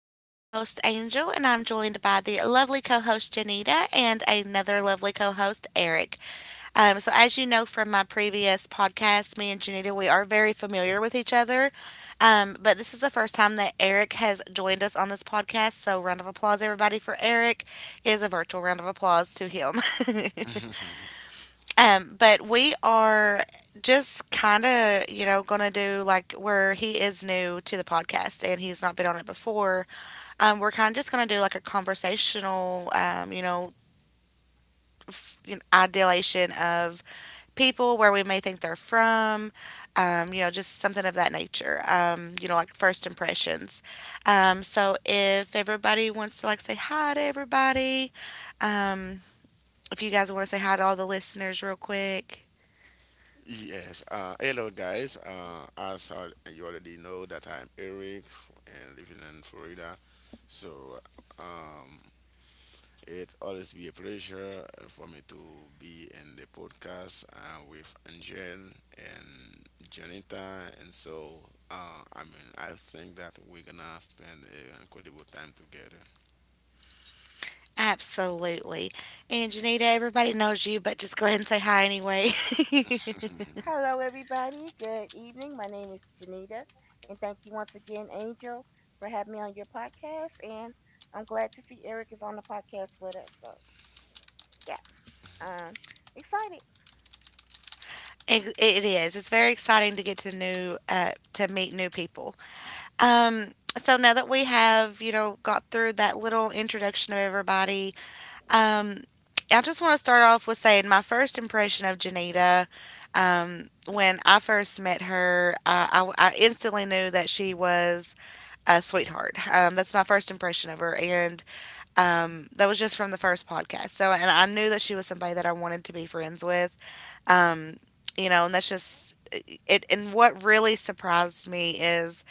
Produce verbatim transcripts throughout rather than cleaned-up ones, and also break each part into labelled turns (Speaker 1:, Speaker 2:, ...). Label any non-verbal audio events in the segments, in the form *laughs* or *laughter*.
Speaker 1: I am your host, Angel, and I'm joined by the lovely co host, Janita, and another lovely co host, Eric. Um, so, as you know from my previous podcast, me and Janita, we are very familiar with each other, um, but this is the first time that Eric has joined us on this podcast. So, round of applause, everybody, for Eric. It is a virtual round of applause to him. *laughs*
Speaker 2: *laughs*
Speaker 1: Um, but we are just kind of, you know, going to do like where he is new to the podcast and he's not been on it before. Um, we're kind of just going to do like a conversational, um, you know, f- you know, ideation of people where we may think they're from, um, you know, just something of that nature, um, you know, like first impressions. Um, so if everybody wants to like say hi to everybody, um, if you guys want to say hi to all the listeners real quick.
Speaker 2: Yes. Uh, hello, guys. Uh, as uh, you already know, that I'm Eric f- and living in Florida. So, um, it always be a pleasure uh, for me to be in the podcast uh, with Angel and Janita. And so, uh, I mean, I think that we're gonna spend an incredible time together.
Speaker 1: Absolutely. And Janita, everybody knows you, but just go ahead and say hi anyway. *laughs* it,
Speaker 3: Hello, everybody. Good evening. My name is Janita, and thank you once again, Angel, for having me on your podcast. And I'm glad to see Eric is on the podcast with us. So, yeah, um, Excited.
Speaker 1: it is. It's very exciting to get to new uh, to meet new people. Um, so now that we have, you know, got through that little introduction of everybody, um, I just want to start off with saying my first impression of Janita. Um, when I first met her, uh, I, I instantly knew that she was a sweetheart. Um, that's my first impression of her, and Um, that was just from the first podcast. So, and I knew that she was somebody that I wanted to be friends with. Um, you know, and that's just it. And what really surprised me is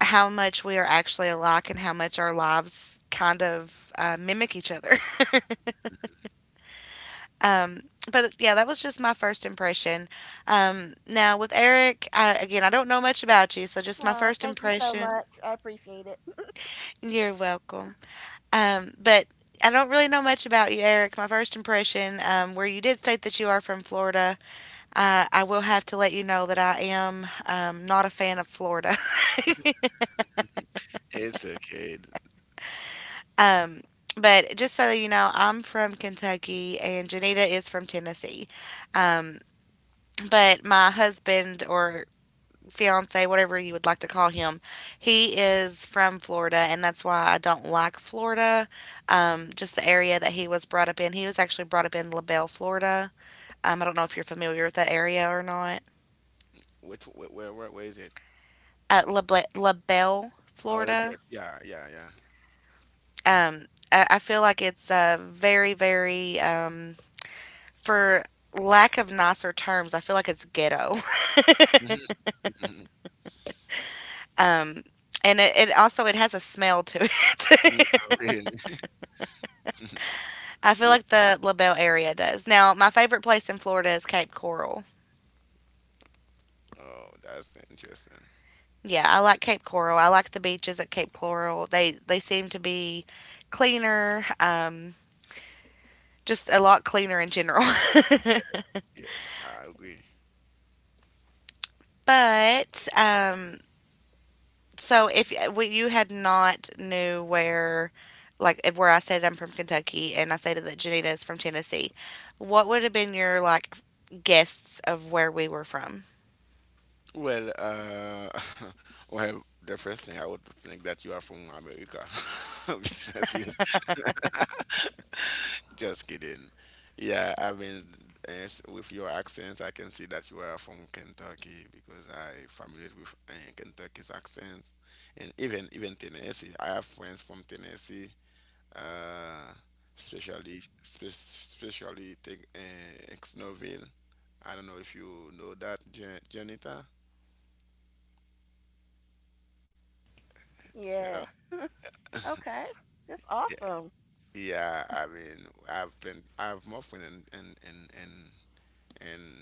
Speaker 1: how much we are actually alike and how much our lives kind of uh, mimic each other. *laughs* um, but yeah, that was just my first impression. Um, now with Eric, I, again, I don't know much about you, so just my
Speaker 3: Oh,
Speaker 1: first
Speaker 3: thank you so
Speaker 1: impression.
Speaker 3: much. I appreciate it. *laughs*
Speaker 1: You're welcome. Um, but I don't really know much about you, Eric. My first impression, um, where you did state that you are from Florida, uh, I will have to let you know that I am um, not a fan of Florida.
Speaker 2: It's okay.
Speaker 1: *laughs* um, but just so you know, I'm from Kentucky and Janita is from Tennessee. Um, but my husband or fiance, whatever you would like to call him, he is from Florida, and that's why I don't like Florida. Um, just the area that he was brought up in. He was actually brought up in LaBelle, Florida. Um, I don't know if you're familiar with that area or not.
Speaker 2: Wait, wait, where, where, where is it?
Speaker 1: At La, Ble- La Belle,
Speaker 2: Oh, the
Speaker 1: Florida.
Speaker 2: break. Yeah, yeah, yeah.
Speaker 1: Um, I, I feel like it's uh, very, very, um, for lack of nicer terms, I feel like it's ghetto. *laughs* um, and it, it also it has a smell to
Speaker 2: *laughs* *laughs*
Speaker 1: it.
Speaker 2: Really.
Speaker 1: *laughs* I feel
Speaker 2: Yep.
Speaker 1: like the La Belle area does. Now, my favorite place in Florida is Cape Coral.
Speaker 2: Oh, that's interesting.
Speaker 1: Yeah, I like Cape Coral. I like the beaches at Cape Coral. They they seem to be cleaner. Um, just a lot cleaner in general.
Speaker 2: Yes, I agree.
Speaker 1: *laughs* but um, so if we, you had not knew where, like if where I stated I'm from Kentucky and I stated that Janita is from Tennessee, what would have been your like guess of where we were from?
Speaker 2: Well, uh, *laughs* well, the first thing I would think that you are from America. *laughs* Because yes, just kidding. Yeah, I mean, yes, with your accents, I can see that you are from Kentucky because I familiar with uh, Kentucky's accents, and even even Tennessee. I have friends from Tennessee, uh, especially especially take uh, Exnoville. I don't know if you know that, Jan- Janita. You
Speaker 3: Yeah.
Speaker 2: know,
Speaker 3: Okay. That's
Speaker 2: y-
Speaker 3: awesome.
Speaker 2: yeah. I mean, I've been I've more fun in in in in, in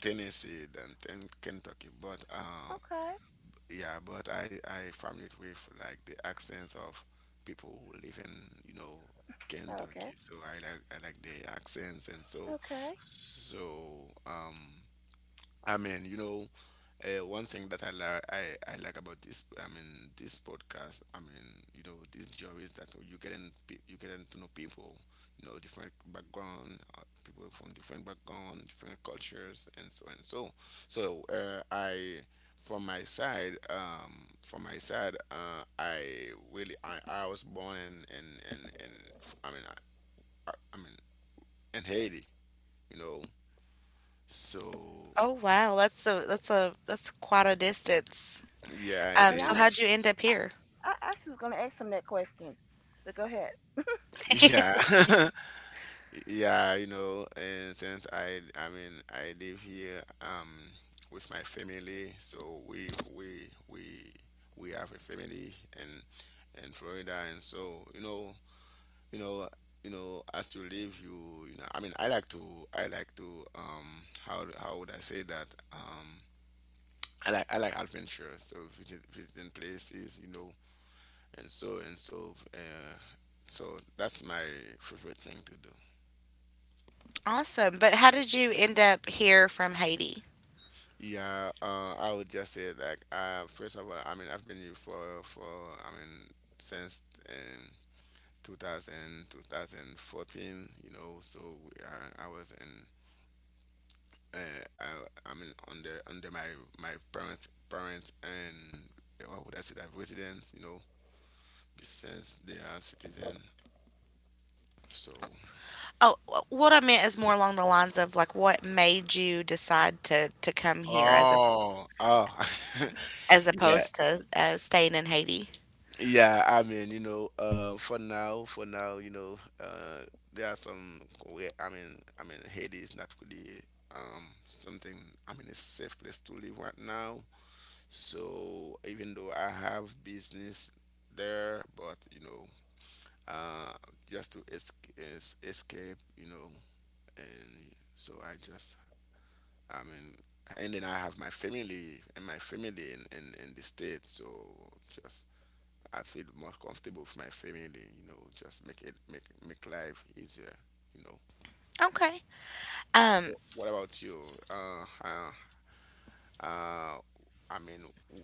Speaker 2: Tennessee than in Kentucky, but uh,
Speaker 3: Okay.
Speaker 2: yeah, but I I familiar with like the accents of people who live in, you know,
Speaker 3: Okay.
Speaker 2: Kentucky, so I like I like the accents and so
Speaker 3: Okay.
Speaker 2: so um I mean, you know, uh, one thing that I like I, I like about this, I mean, this podcast, I mean, you know, this job is that you getting pe- you getting to know people, you know, different background, uh, people from different background, different cultures, and so and so. So uh, I, from my side, um, from my side, uh, I really I, I was born in in in, in I mean I, I I mean in Haiti, you know. So
Speaker 1: Oh wow, that's a that's a that's quite a distance.
Speaker 2: yeah, it
Speaker 3: And
Speaker 1: Um,
Speaker 3: I,
Speaker 1: so
Speaker 2: is.
Speaker 1: how'd you end up here?
Speaker 3: I actually was going to ask him that question, but go ahead.
Speaker 2: Yeah, *laughs* yeah, you know, and since I, I mean, I live here um with my family, so we we we we have a family and in in Florida, and so you know, you know, you know, as you live, you you know, I mean, I like to, I like to um, how how would I say that um. I like I like adventure, so visit, visiting places, you know, and so and so. Uh, so that's my favorite thing to do.
Speaker 1: Awesome, but how did you end up here from Haiti?
Speaker 2: Yeah, uh, I would just say like uh, first of all, I mean I've been here for for I mean since um, two thousand twenty fourteen, you know. So we are, I was in uh, I, I mean under under my my parents parents and uh, what would I say that residents, you know, since they are citizen. So
Speaker 1: Oh, what I meant is more along the lines of like what made you decide to to come here as a
Speaker 2: oh oh
Speaker 1: as
Speaker 2: *laughs* yeah.
Speaker 1: opposed to uh, staying in Haiti.
Speaker 2: Yeah, I mean, you know, uh, for now, for now, you know, uh, there are some where I mean, I mean, Haiti is not really um something. I mean, it's a safe place to live right now. So even though I have business there, but you know, uh, just to es- es- escape, you know, and so I just, I mean, and then I have my family and my family in in, in the states. So just I feel more comfortable with my family, you know, just make it make make life easier, you know.
Speaker 1: Okay. Um.
Speaker 2: Wh- What about you? Uh, uh, uh I mean, w-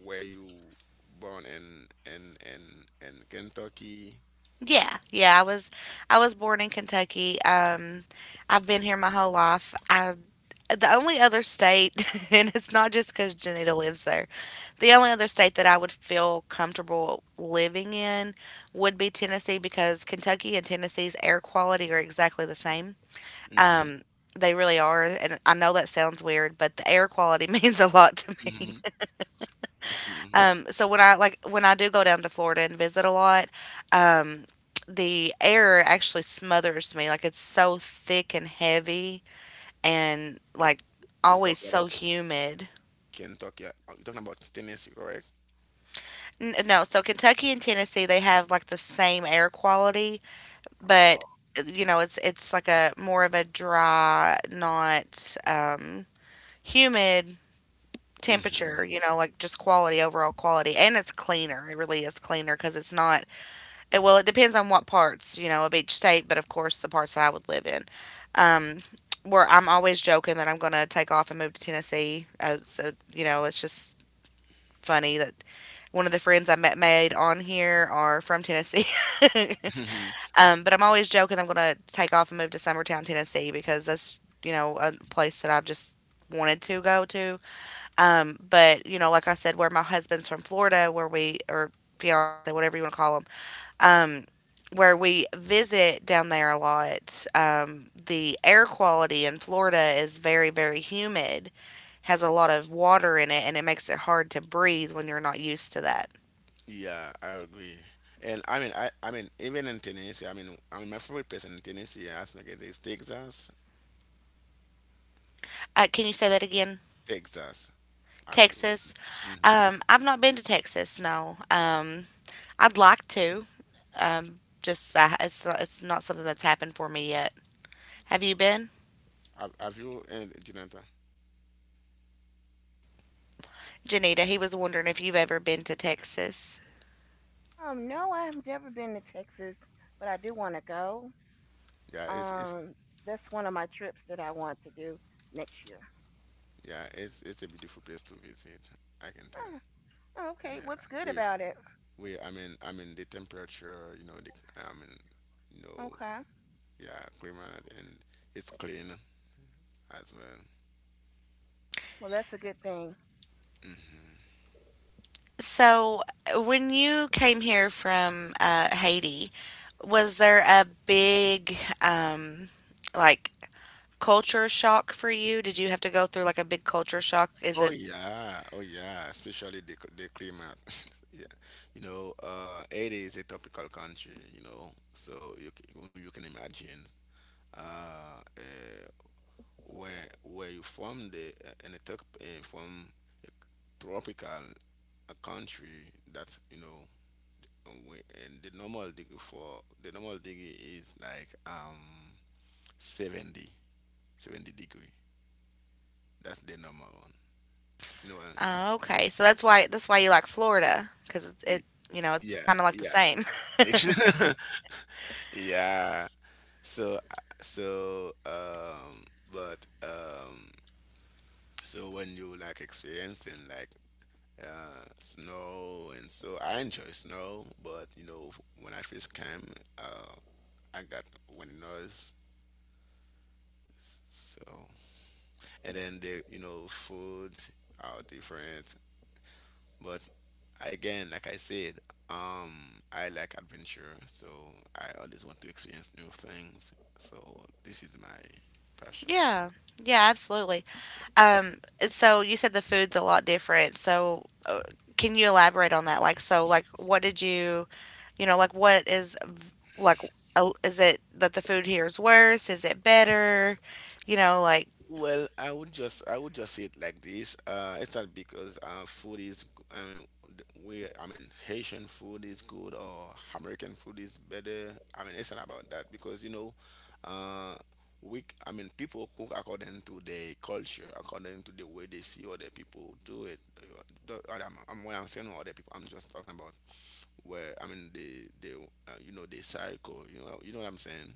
Speaker 2: were you born in in in in Kentucky?
Speaker 1: Yeah. Yeah. I was. I was born in Kentucky. Um. I've been here my whole life. I. The only other state, *laughs* and it's not just because Janita lives there. The only other state that I would feel comfortable living in would be Tennessee because Kentucky and Tennessee's air quality are exactly the same.
Speaker 2: Mhm,
Speaker 1: Um. They really are, and I know that sounds weird, but the air quality *laughs* means a lot.
Speaker 2: mhm, mhm. *laughs*
Speaker 1: Um, so when I like when I do go down to Florida and visit a lot, um, the air actually smothers me. Like it's so thick and heavy and like
Speaker 2: You're
Speaker 1: always
Speaker 2: talking about
Speaker 1: so humid.
Speaker 2: Kentucky. uh, You're talking about Tennessee, correct?
Speaker 1: N- no, so Kentucky and Tennessee they have like the same air quality, but
Speaker 2: Oh.
Speaker 1: you know it's it's like a more of a dry, not um, humid
Speaker 2: Mhm.
Speaker 1: temperature. You know, like just quality overall quality, and it's cleaner. It really is cleaner because it's not it- well, it depends on what parts, you know, of each state, but of course, the parts that I would live in. Um, where I'm always joking that I'm going to take off and move to Tennessee. Uh, so, you know, it's just funny that one of the friends I met made on here are from Tennessee. *laughs*
Speaker 2: *laughs*
Speaker 1: Um, but I'm always joking I'm going to take off and move to Summertown, Tennessee, because that's, you know, a place that I've just wanted to go to. Um, but, you know, like I said, where my husband's from Florida, where we, or fiance, whatever you want to call him, um, where we visit down there a lot, um, the air quality in Florida is very, very humid, has a lot of water in it, and it makes it hard to breathe when you're not used to that.
Speaker 2: Yeah, I agree. And I mean, I, I mean, even in Tennessee, I mean, I mean, my favorite place in Tennessee, I think it is Texas.
Speaker 1: Uh, can you say that again?
Speaker 2: Texas. Have you?
Speaker 1: Texas?
Speaker 2: Hmm.
Speaker 1: Um, I've not been to Texas, no. Um, I'd like to. Um, just uh, It's not, it's not something that's happened for me yet. Have you been?
Speaker 2: Have, have you and Jonathan?
Speaker 1: Janita, he was wondering if you've ever been to Texas.
Speaker 3: Um, no, I've never been to Texas, but I do want to go.
Speaker 2: Yeah, it's it's
Speaker 3: Um, that's one of my trips that I want to do next year.
Speaker 2: yeah, it's it's a beautiful place to visit. I can tell.
Speaker 3: Huh, okay,
Speaker 2: Yeah,
Speaker 3: what's good
Speaker 2: we've
Speaker 3: about it?
Speaker 2: we I mean I mean the temperature, you know the I mean you know
Speaker 3: Okay,
Speaker 2: yeah climate and it's clean as well.
Speaker 3: well that's a good thing.
Speaker 1: So, when you came here from uh, Haiti, was there a big um, like culture shock for you? Did you have to go through like a big culture shock? Is
Speaker 2: Oh
Speaker 1: it
Speaker 2: yeah, oh yeah, especially the c- the climate. *laughs* Yeah, you know, uh, it is a tropical country, you know, so you c- you can imagine. Uh, uh, where where you from the uh, in a top uh, from a tropical a country that you know. And we, and the normal degree for the normal degree is like um seventy seventy degree. That's the normal one, you know what.
Speaker 1: oh, okay? So that's why that's why you like Florida because it,
Speaker 2: y-
Speaker 1: it you know it's kind of
Speaker 2: yeah
Speaker 1: like the
Speaker 2: yeah
Speaker 1: same. *laughs*
Speaker 2: *laughs* yeah. So uh, so um but um so when you like experiencing like uh, snow, and so I enjoy snow. But you know, when I first came, uh, I got winters. So and then the you know foods are different, but I- again, like I said, um, I like adventure, so I always want to experience new things. So this is my passion.
Speaker 1: Yeah, yeah, absolutely. Um, so you said the food's a lot different. So uh, can you elaborate on that? Like, so, like, what did you, you know, like, what is, v- like, uh, is it that the food here is worse? Is it better? You know, like,
Speaker 2: Well, I would just I would just say it like this. Uh, it's not because uh, food is g- I mean th- we I mean Haitian food is good or American food is better. I mean it's not about that because you know, uh, we c- I mean people cook according to their culture, according to the way they see other people do it. Uh, the- uh, I'm, I'm, when I'm saying other people, I'm just talking about where I mean the the uh, you know the cycle. You know you know what I'm saying.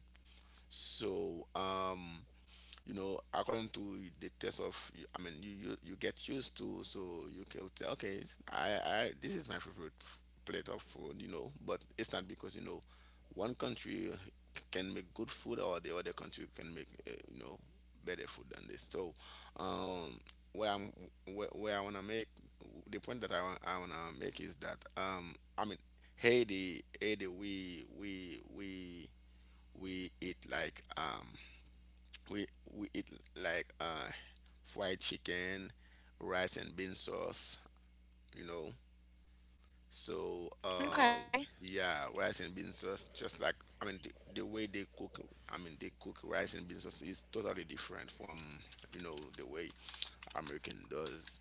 Speaker 2: So um you know according to the taste of I mean you you, you get used to. So you can say okay i I this is my favorite f- plate of food, you know. But it's not because you know one country can make good food or the other country can make uh, you know better food than this. So um where i'm where, where I want to make the point that i, wa- I want to make is that um I mean Haiti, Haiti, we we we we eat like um we we eat like uh fried chicken, rice and bean sauce, you know. So um
Speaker 1: okay,
Speaker 2: yeah, rice and bean sauce just like I mean the, the way they cook I mean they cook rice and bean sauce is totally different from you know the way American does.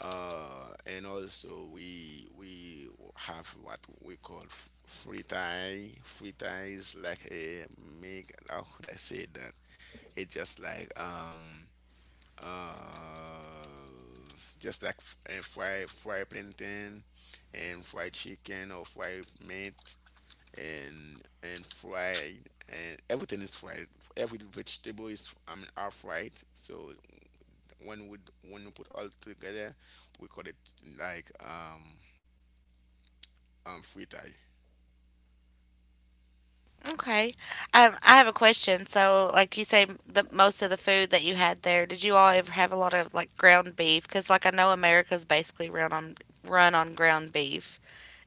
Speaker 2: Uh, and also we we have what we call f- Fritai thai is like a make. How could I say that? It's just like um uh, just like f- uh, fried fried plantain and fried chicken or fried meat and and fried and everything is fried. Every vegetable is I mean are fried. So when we when we put all together, we call it like um um fritai.
Speaker 1: okay. Um, I have a question. So, like, you say the most of the food that you had there, did you all ever have a lot of like ground beef? Because, like, I know America's basically run on run on ground beef.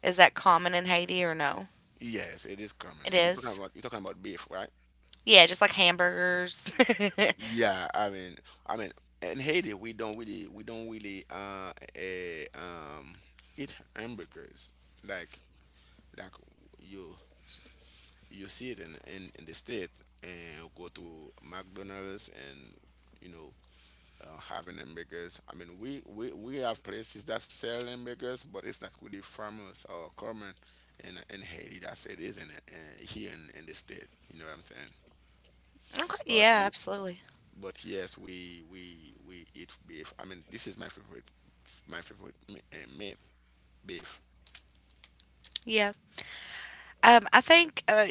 Speaker 1: Is that common in Haiti or no?
Speaker 2: Yes, it is
Speaker 1: It
Speaker 2: common. You're talking
Speaker 1: is.
Speaker 2: about you're talking about beef, right?
Speaker 1: Yeah, just like hamburgers. *laughs* okay,
Speaker 2: Yeah, I mean, I mean, in Haiti, we don't really, we don't really, uh, eh, um, eat hamburgers like, like you, you see it in, in, in the state, and go to McDonald's and, you know, uh, having hamburgers. I mean, we, we, we have places that sell hamburgers, but it's not really famous or common in, in Haiti. That's it is in, in here in, in the state. You know what I'm saying? But
Speaker 1: yeah, absolutely.
Speaker 2: but yes, we we we eat beef. I mean, this is my favorite my favorite me- uh, meat, beef.
Speaker 1: Yeah. Um, I think uh,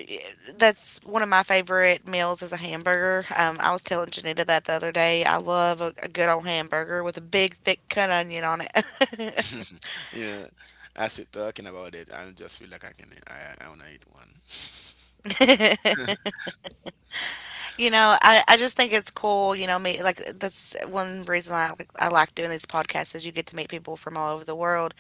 Speaker 1: that's one of my favorite meals is a hamburger. Um, I was telling Janita that the other day. I love a, a good old hamburger with a big, thick cut onion on it.
Speaker 2: *laughs* Yeah, as you're talking about it, I just feel like I can I, I wanna eat one.
Speaker 1: *laughs* you know, I, I just think it's cool. You know, me like that's one reason I like I like doing these podcasts is you get to meet people from all over the world.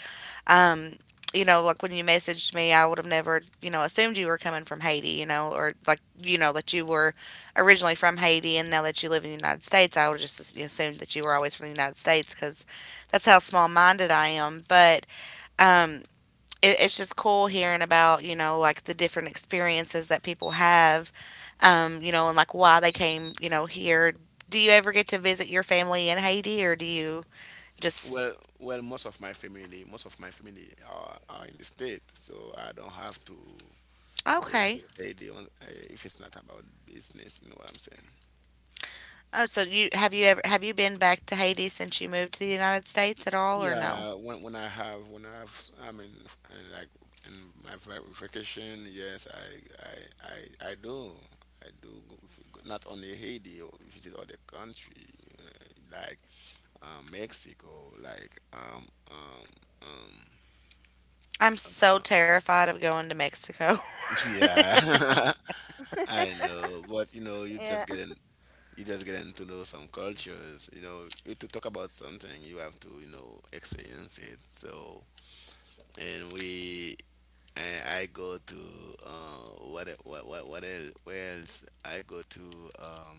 Speaker 1: Um, you know, like when you messaged me, I would have never, you know, assumed you were coming from Haiti, you know, or like, you know, that you were originally from Haiti and now that you live in the United States, I would have just assumed that you were always from the United States because that's how small minded I am. But um, it, it's just cool hearing about, you know, like the different experiences that people have, um, you know, and like why they came, you know, here. Do you ever get to visit your family in Haiti or do you just,
Speaker 2: Well, well, most of my family, most of my family are, are in the state, so I don't have to go
Speaker 1: okay.
Speaker 2: to Haiti on, uh, if it's not about business. You know what I'm saying?
Speaker 1: Oh, so you have you ever have you been back to Haiti since you moved to the United States at all or no?
Speaker 2: Yeah, when when I have when I have I mean and like in my va- vacation, yes, I I I, I do I do go, go- not only Haiti, or visit other country, uh, like uh, Mexico, like um um um
Speaker 1: I'm so
Speaker 2: uh,
Speaker 1: terrified of going to Mexico. *laughs*
Speaker 2: *laughs* yeah, *laughs* I know, but you know you
Speaker 3: Yeah,
Speaker 2: just getting you just getting to know some cultures. You know you- to talk about something, you have to you know experience it. So and we and I go to uh, what e- what what what else? Where else? I go to um,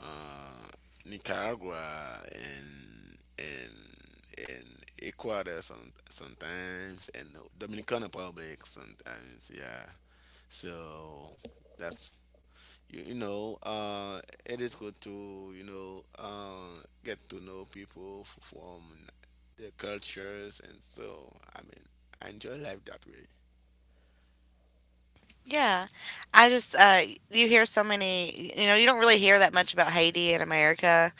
Speaker 2: uh, Nicaragua and and and Ecuador some, sometimes and Dominican Republic sometimes. Yeah. So that's you, you know uh, it is good to you know uh, get to know people f- from their cultures, and so I mean I enjoy life that way.
Speaker 1: Yeah. I just uh you hear so many, you know, you don't really hear that much about Haiti in America.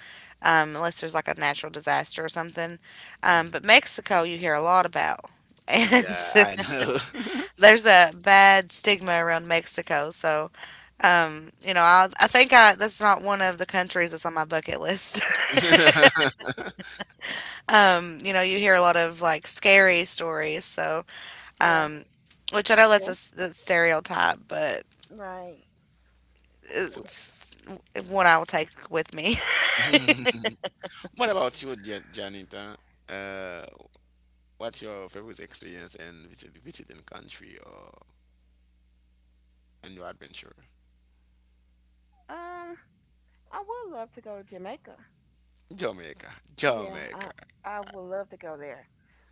Speaker 1: Um, unless there's like a natural disaster or something. Um, but Mexico you hear a lot about. *laughs* And
Speaker 2: Yeah, I know.
Speaker 1: there's a bad stigma around Mexico, so um, you know, I I think I that's not one of the countries that's on my bucket list. *laughs*
Speaker 2: *laughs*
Speaker 1: Um, you know, you hear a lot of like scary stories, so
Speaker 3: *laughs* yeah,
Speaker 1: um, which I know that's a,
Speaker 3: yeah,
Speaker 1: s- a stereotype, but
Speaker 3: Right.
Speaker 2: So,
Speaker 1: it's one I will take with me. *laughs*
Speaker 2: *laughs* what about you, Ja- Janita? Uh, what's your favorite experience in visit, visiting country or in your adventure?
Speaker 3: Um, I would love to go to Jamaica.
Speaker 2: Jamaica,
Speaker 3: Yeah,
Speaker 2: Jamaica.
Speaker 3: I I would love to go there,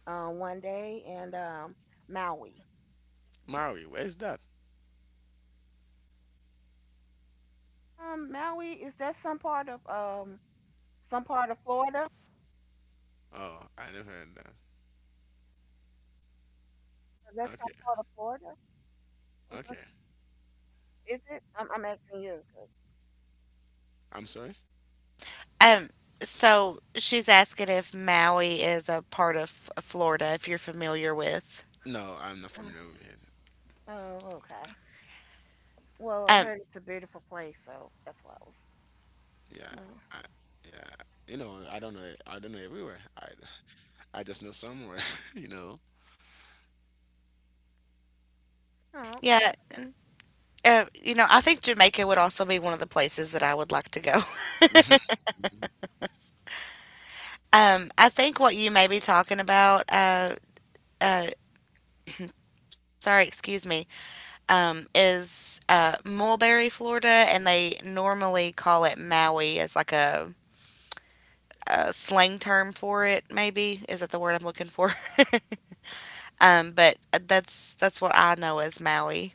Speaker 3: uh, one day and um Maui.
Speaker 2: Maui, where's that?
Speaker 3: Um, Maui is that some part of um some part of Florida?
Speaker 2: Oh, I never heard that.
Speaker 3: Is that some
Speaker 2: Okay,
Speaker 3: part of Florida? Or some-
Speaker 2: okay.
Speaker 3: Is it? I'm I'm asking you. 'Cause,
Speaker 2: I'm sorry.
Speaker 1: Um, so she's asking if Maui is a part of F- Florida, if you're familiar with.
Speaker 2: No, I'm not familiar with it.
Speaker 3: uh, oh, okay. Well, I
Speaker 1: Um,
Speaker 3: heard it's a beautiful place, so that's why I
Speaker 2: Yeah,
Speaker 3: was.
Speaker 2: I, yeah. You know, I don't know. I don't know everywhere. I, I just know somewhere. *laughs* You
Speaker 3: Uh, oh,
Speaker 1: yeah,
Speaker 3: okay.
Speaker 1: uh, you know, I think Jamaica would also be one of the places that I would like to go. *laughs* Um, I think what you may be talking about, uh, uh, sorry, excuse me, um, is uh, Mulberry, Florida, and they normally call it Maui as like a, a slang term for it. Maybe is that the word I'm looking for? *laughs* um, but that's that's what I know as Maui.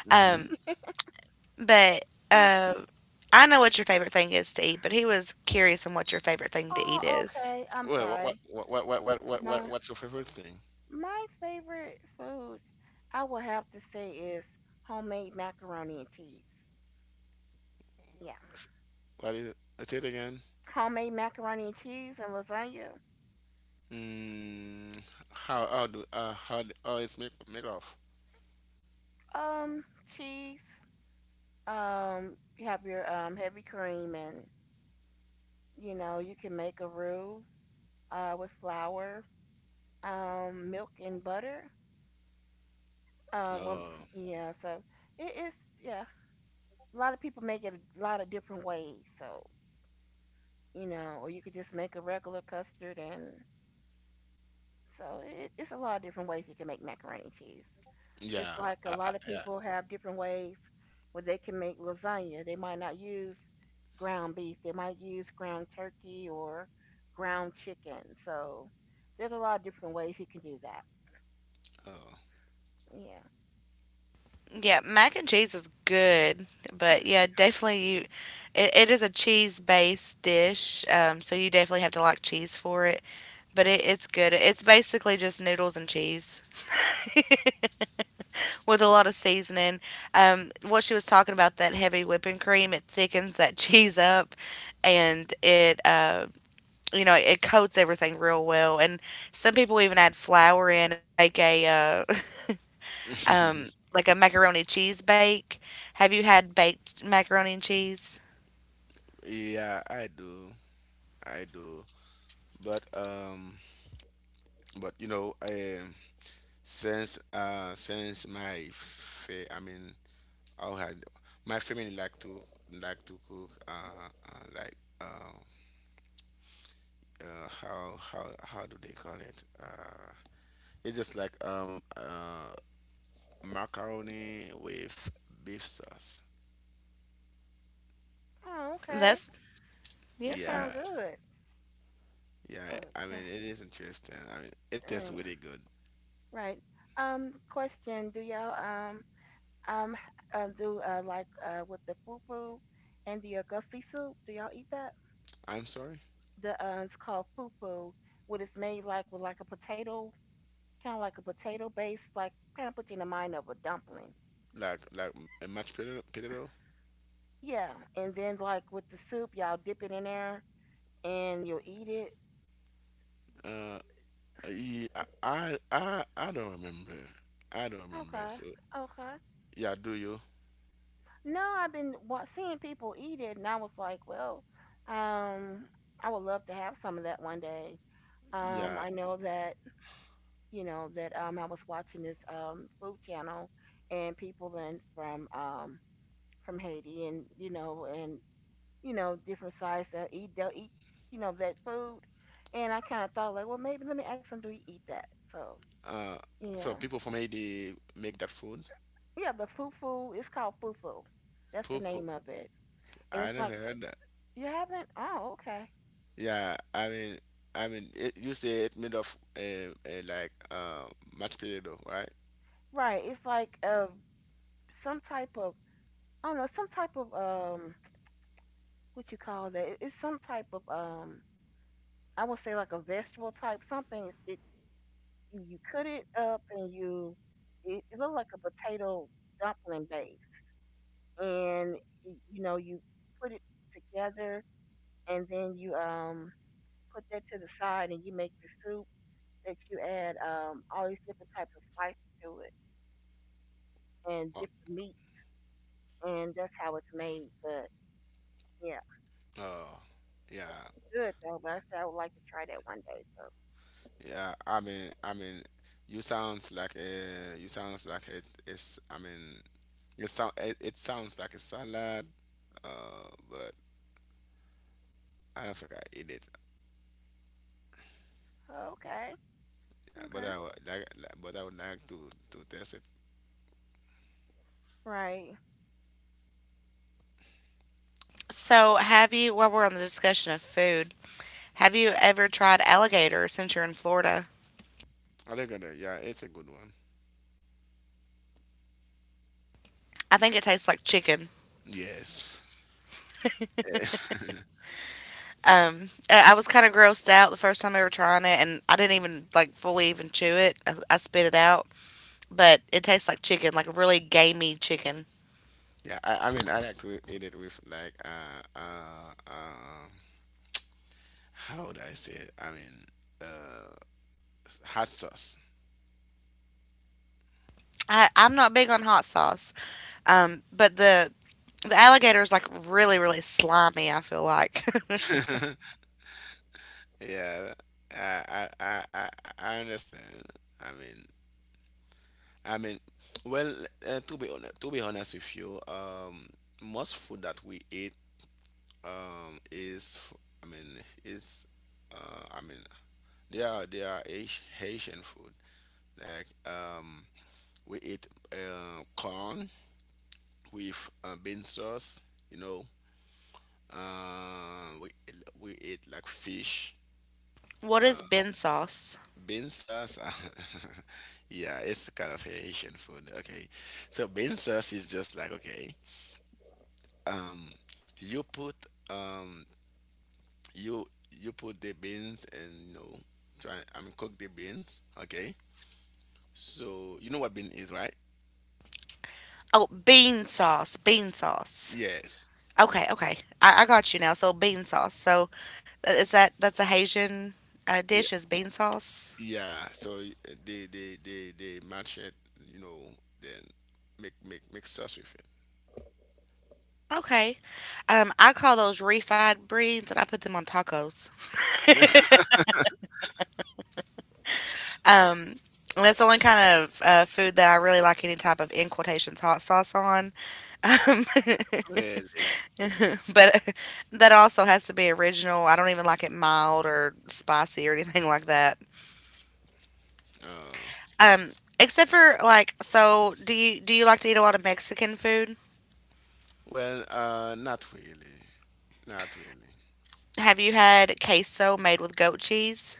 Speaker 2: know.
Speaker 1: Um,
Speaker 2: *laughs*
Speaker 1: but
Speaker 3: Yeah.
Speaker 1: uh, I know what your favorite thing is to eat, but he was curious on what your favorite thing to eat
Speaker 3: Oh,
Speaker 1: is.
Speaker 3: okay. I'm
Speaker 2: Well, what
Speaker 3: sorry.
Speaker 2: what what what what what what
Speaker 3: My
Speaker 2: what's your favorite thing?
Speaker 3: my favorite food, I would have to say, is homemade macaroni and cheese. Yeah,
Speaker 2: S- What is it? Say it again.
Speaker 3: homemade macaroni and cheese and lasagna.
Speaker 2: Mm, how how do uh, how d- how it's make made of?
Speaker 3: Um, Cheese. Um, you have your um heavy cream, and you know you can make a roux uh with flour, um, milk and butter. Um, well,
Speaker 2: Oh,
Speaker 3: yeah. So it is. Yeah, a lot of people make it a lot of different ways. So, you know, or you could just make a regular custard. And so it, it's a lot of different ways you can make macaroni and cheese. Just
Speaker 2: yeah,
Speaker 3: like a
Speaker 2: I, I,
Speaker 3: lot of
Speaker 2: yeah.
Speaker 3: people have different ways where they can make lasagna. They might not use ground beef, they might use ground turkey or ground chicken. So there's a lot of different ways you can do that. Yeah.
Speaker 1: Yeah, mac and cheese is good, but yeah, definitely you it, it is a cheese-based dish, um, so you definitely have to like cheese for it, but it, it's good. It's basically just noodles and cheese *laughs* with a lot of seasoning. Um, what she was talking about, that heavy whipping cream, it thickens that *laughs* cheese up, and it uh you know, it coats everything real well, and some people even add flour in and make a uh, *laughs*
Speaker 2: Oh,
Speaker 1: um, like a macaroni cheese bake. Have you had baked macaroni and cheese?
Speaker 2: *laughs* yeah. I do, I do. But um, but you know, um, since uh, since my fa- I mean, I had my family like to like to cook uh, uh like uh, uh how how how do they call it uh. It's just like um uh macaroni with beef sauce.
Speaker 3: Oh, okay.
Speaker 1: That's
Speaker 3: That
Speaker 1: yeah.
Speaker 3: sounds
Speaker 2: Yeah,
Speaker 3: good.
Speaker 2: yeah. I mean,
Speaker 3: Okay.
Speaker 2: it is interesting. I mean, it tastes
Speaker 3: Mm.
Speaker 2: really good.
Speaker 3: Right. Right. Um, question. Do y'all um Um, uh, do uh, like uh with the poo poo and the uh, guffy soup. Do y'all eat that?
Speaker 2: I'm sorry.
Speaker 3: The uh, it's called poo poo. What it's made like with like a potato, kind of like a potato base, like kind of put you in the mind of a dumpling.
Speaker 2: like like a mashed potato. Potato.
Speaker 3: Yeah, and then like with the soup, y'all dip it in there and you'll eat it.
Speaker 2: Uh, yeah, I I I don't remember. I don't remember.
Speaker 3: Okay,
Speaker 2: So
Speaker 3: okay.
Speaker 2: yeah, do you?
Speaker 3: No, I've been wa- seeing people eat it, and I was like, well, um, I would love to have some of that one day. Um,
Speaker 2: Yeah.
Speaker 3: I know that you know, that um I was watching this um food channel and people in from um from Haiti and you know and you know different sides that eat they'll eat you know that food and I kind of thought like well maybe let me ask them do you eat that so
Speaker 2: Uh, so
Speaker 3: yeah
Speaker 2: people from Haiti make that food.
Speaker 3: yeah the fufu it's called fufu that's the
Speaker 2: Poo poo.
Speaker 3: name of it and
Speaker 2: I
Speaker 3: it's
Speaker 2: never
Speaker 3: like
Speaker 2: heard that.
Speaker 3: you haven't oh okay
Speaker 2: Yeah, I mean, I mean, it, you say it made of uh, uh, like uh, mashed potato, right?
Speaker 3: right it's like uh some type of I don't know some type of um what you call that. It- it's some type of um I would say like a vegetable type something. It you, you cut it up and you it, it looked like a potato dumpling base, and y- you know you put it together and then you um put that to the side and you make the soup that you add um all these different types of spices to it and
Speaker 2: Oh,
Speaker 3: different meats and that's how it's made. But yeah,
Speaker 2: oh, yeah,
Speaker 3: it's good though. But I said I would like to try that one day. So
Speaker 2: yeah. I mean, I mean, you sounds like a, you sounds like it is. I mean, it sound it, it sounds like a salad, uh, but I don't think I eat it.
Speaker 3: okay,
Speaker 2: Yeah, but
Speaker 3: okay,
Speaker 2: I would like, like but I would like to to test it.
Speaker 3: right.
Speaker 1: So have you? While we're on the discussion of food, have you ever tried alligator since you're in Florida?
Speaker 2: I think that, yeah, it's a good one.
Speaker 1: I think it tastes like chicken.
Speaker 2: Yes. *laughs*
Speaker 1: Um, I I was kind of grossed out the first time ever trying it, and I didn't even like fully even chew it. I, I spit it out, but it tastes like chicken, like a really gamey chicken.
Speaker 2: Yeah, I, I mean, I actually eat it with like uh uh um how would I say it? I mean, uh, hot sauce.
Speaker 1: I, I'm not big on hot sauce, um, but the The alligator is like really, really slimy, I feel like. *laughs*
Speaker 2: Yeah, I I I I I understand. I mean, I mean, well, uh, to be honest, to be honest with you, um, most food that we eat, um, is f- I mean, is uh, I mean, they are, they are Haitian food. Like um, we eat uh, corn with uh, bean sauce. You know, uh, we we eat like fish,
Speaker 1: What is bean sauce?
Speaker 2: bean sauce. *laughs* Yeah, it's kind of a Haitian food. Okay, so bean sauce is just like, okay, um, you put um, you you put the beans and you know, try, I mean, cook the beans. Okay, so you know what bean is, right?
Speaker 1: Oh, bean sauce. Bean sauce.
Speaker 2: Yes.
Speaker 1: Okay, okay. I, I got you now. So bean sauce. So uh, is that that's a Haitian uh, dish,
Speaker 2: Yeah.
Speaker 1: is bean sauce?
Speaker 2: Yeah. So y- they they they they match it, you know, then make make make sauce with it.
Speaker 1: Okay. Um, I call those refried beans and I put them on tacos. *laughs* um, and that's the only kind of uh, food that I really like any type of, in quotations, hot sauce on. Um, *laughs*
Speaker 2: Really?
Speaker 1: *laughs* But *laughs* that also has to be original. I don't even like it mild or spicy or anything like that.
Speaker 2: Oh,
Speaker 1: Um, Except for like, so do you do you like to eat a lot of Mexican food?
Speaker 2: well, uh, not really, not really.
Speaker 1: Have you had queso made with goat cheese?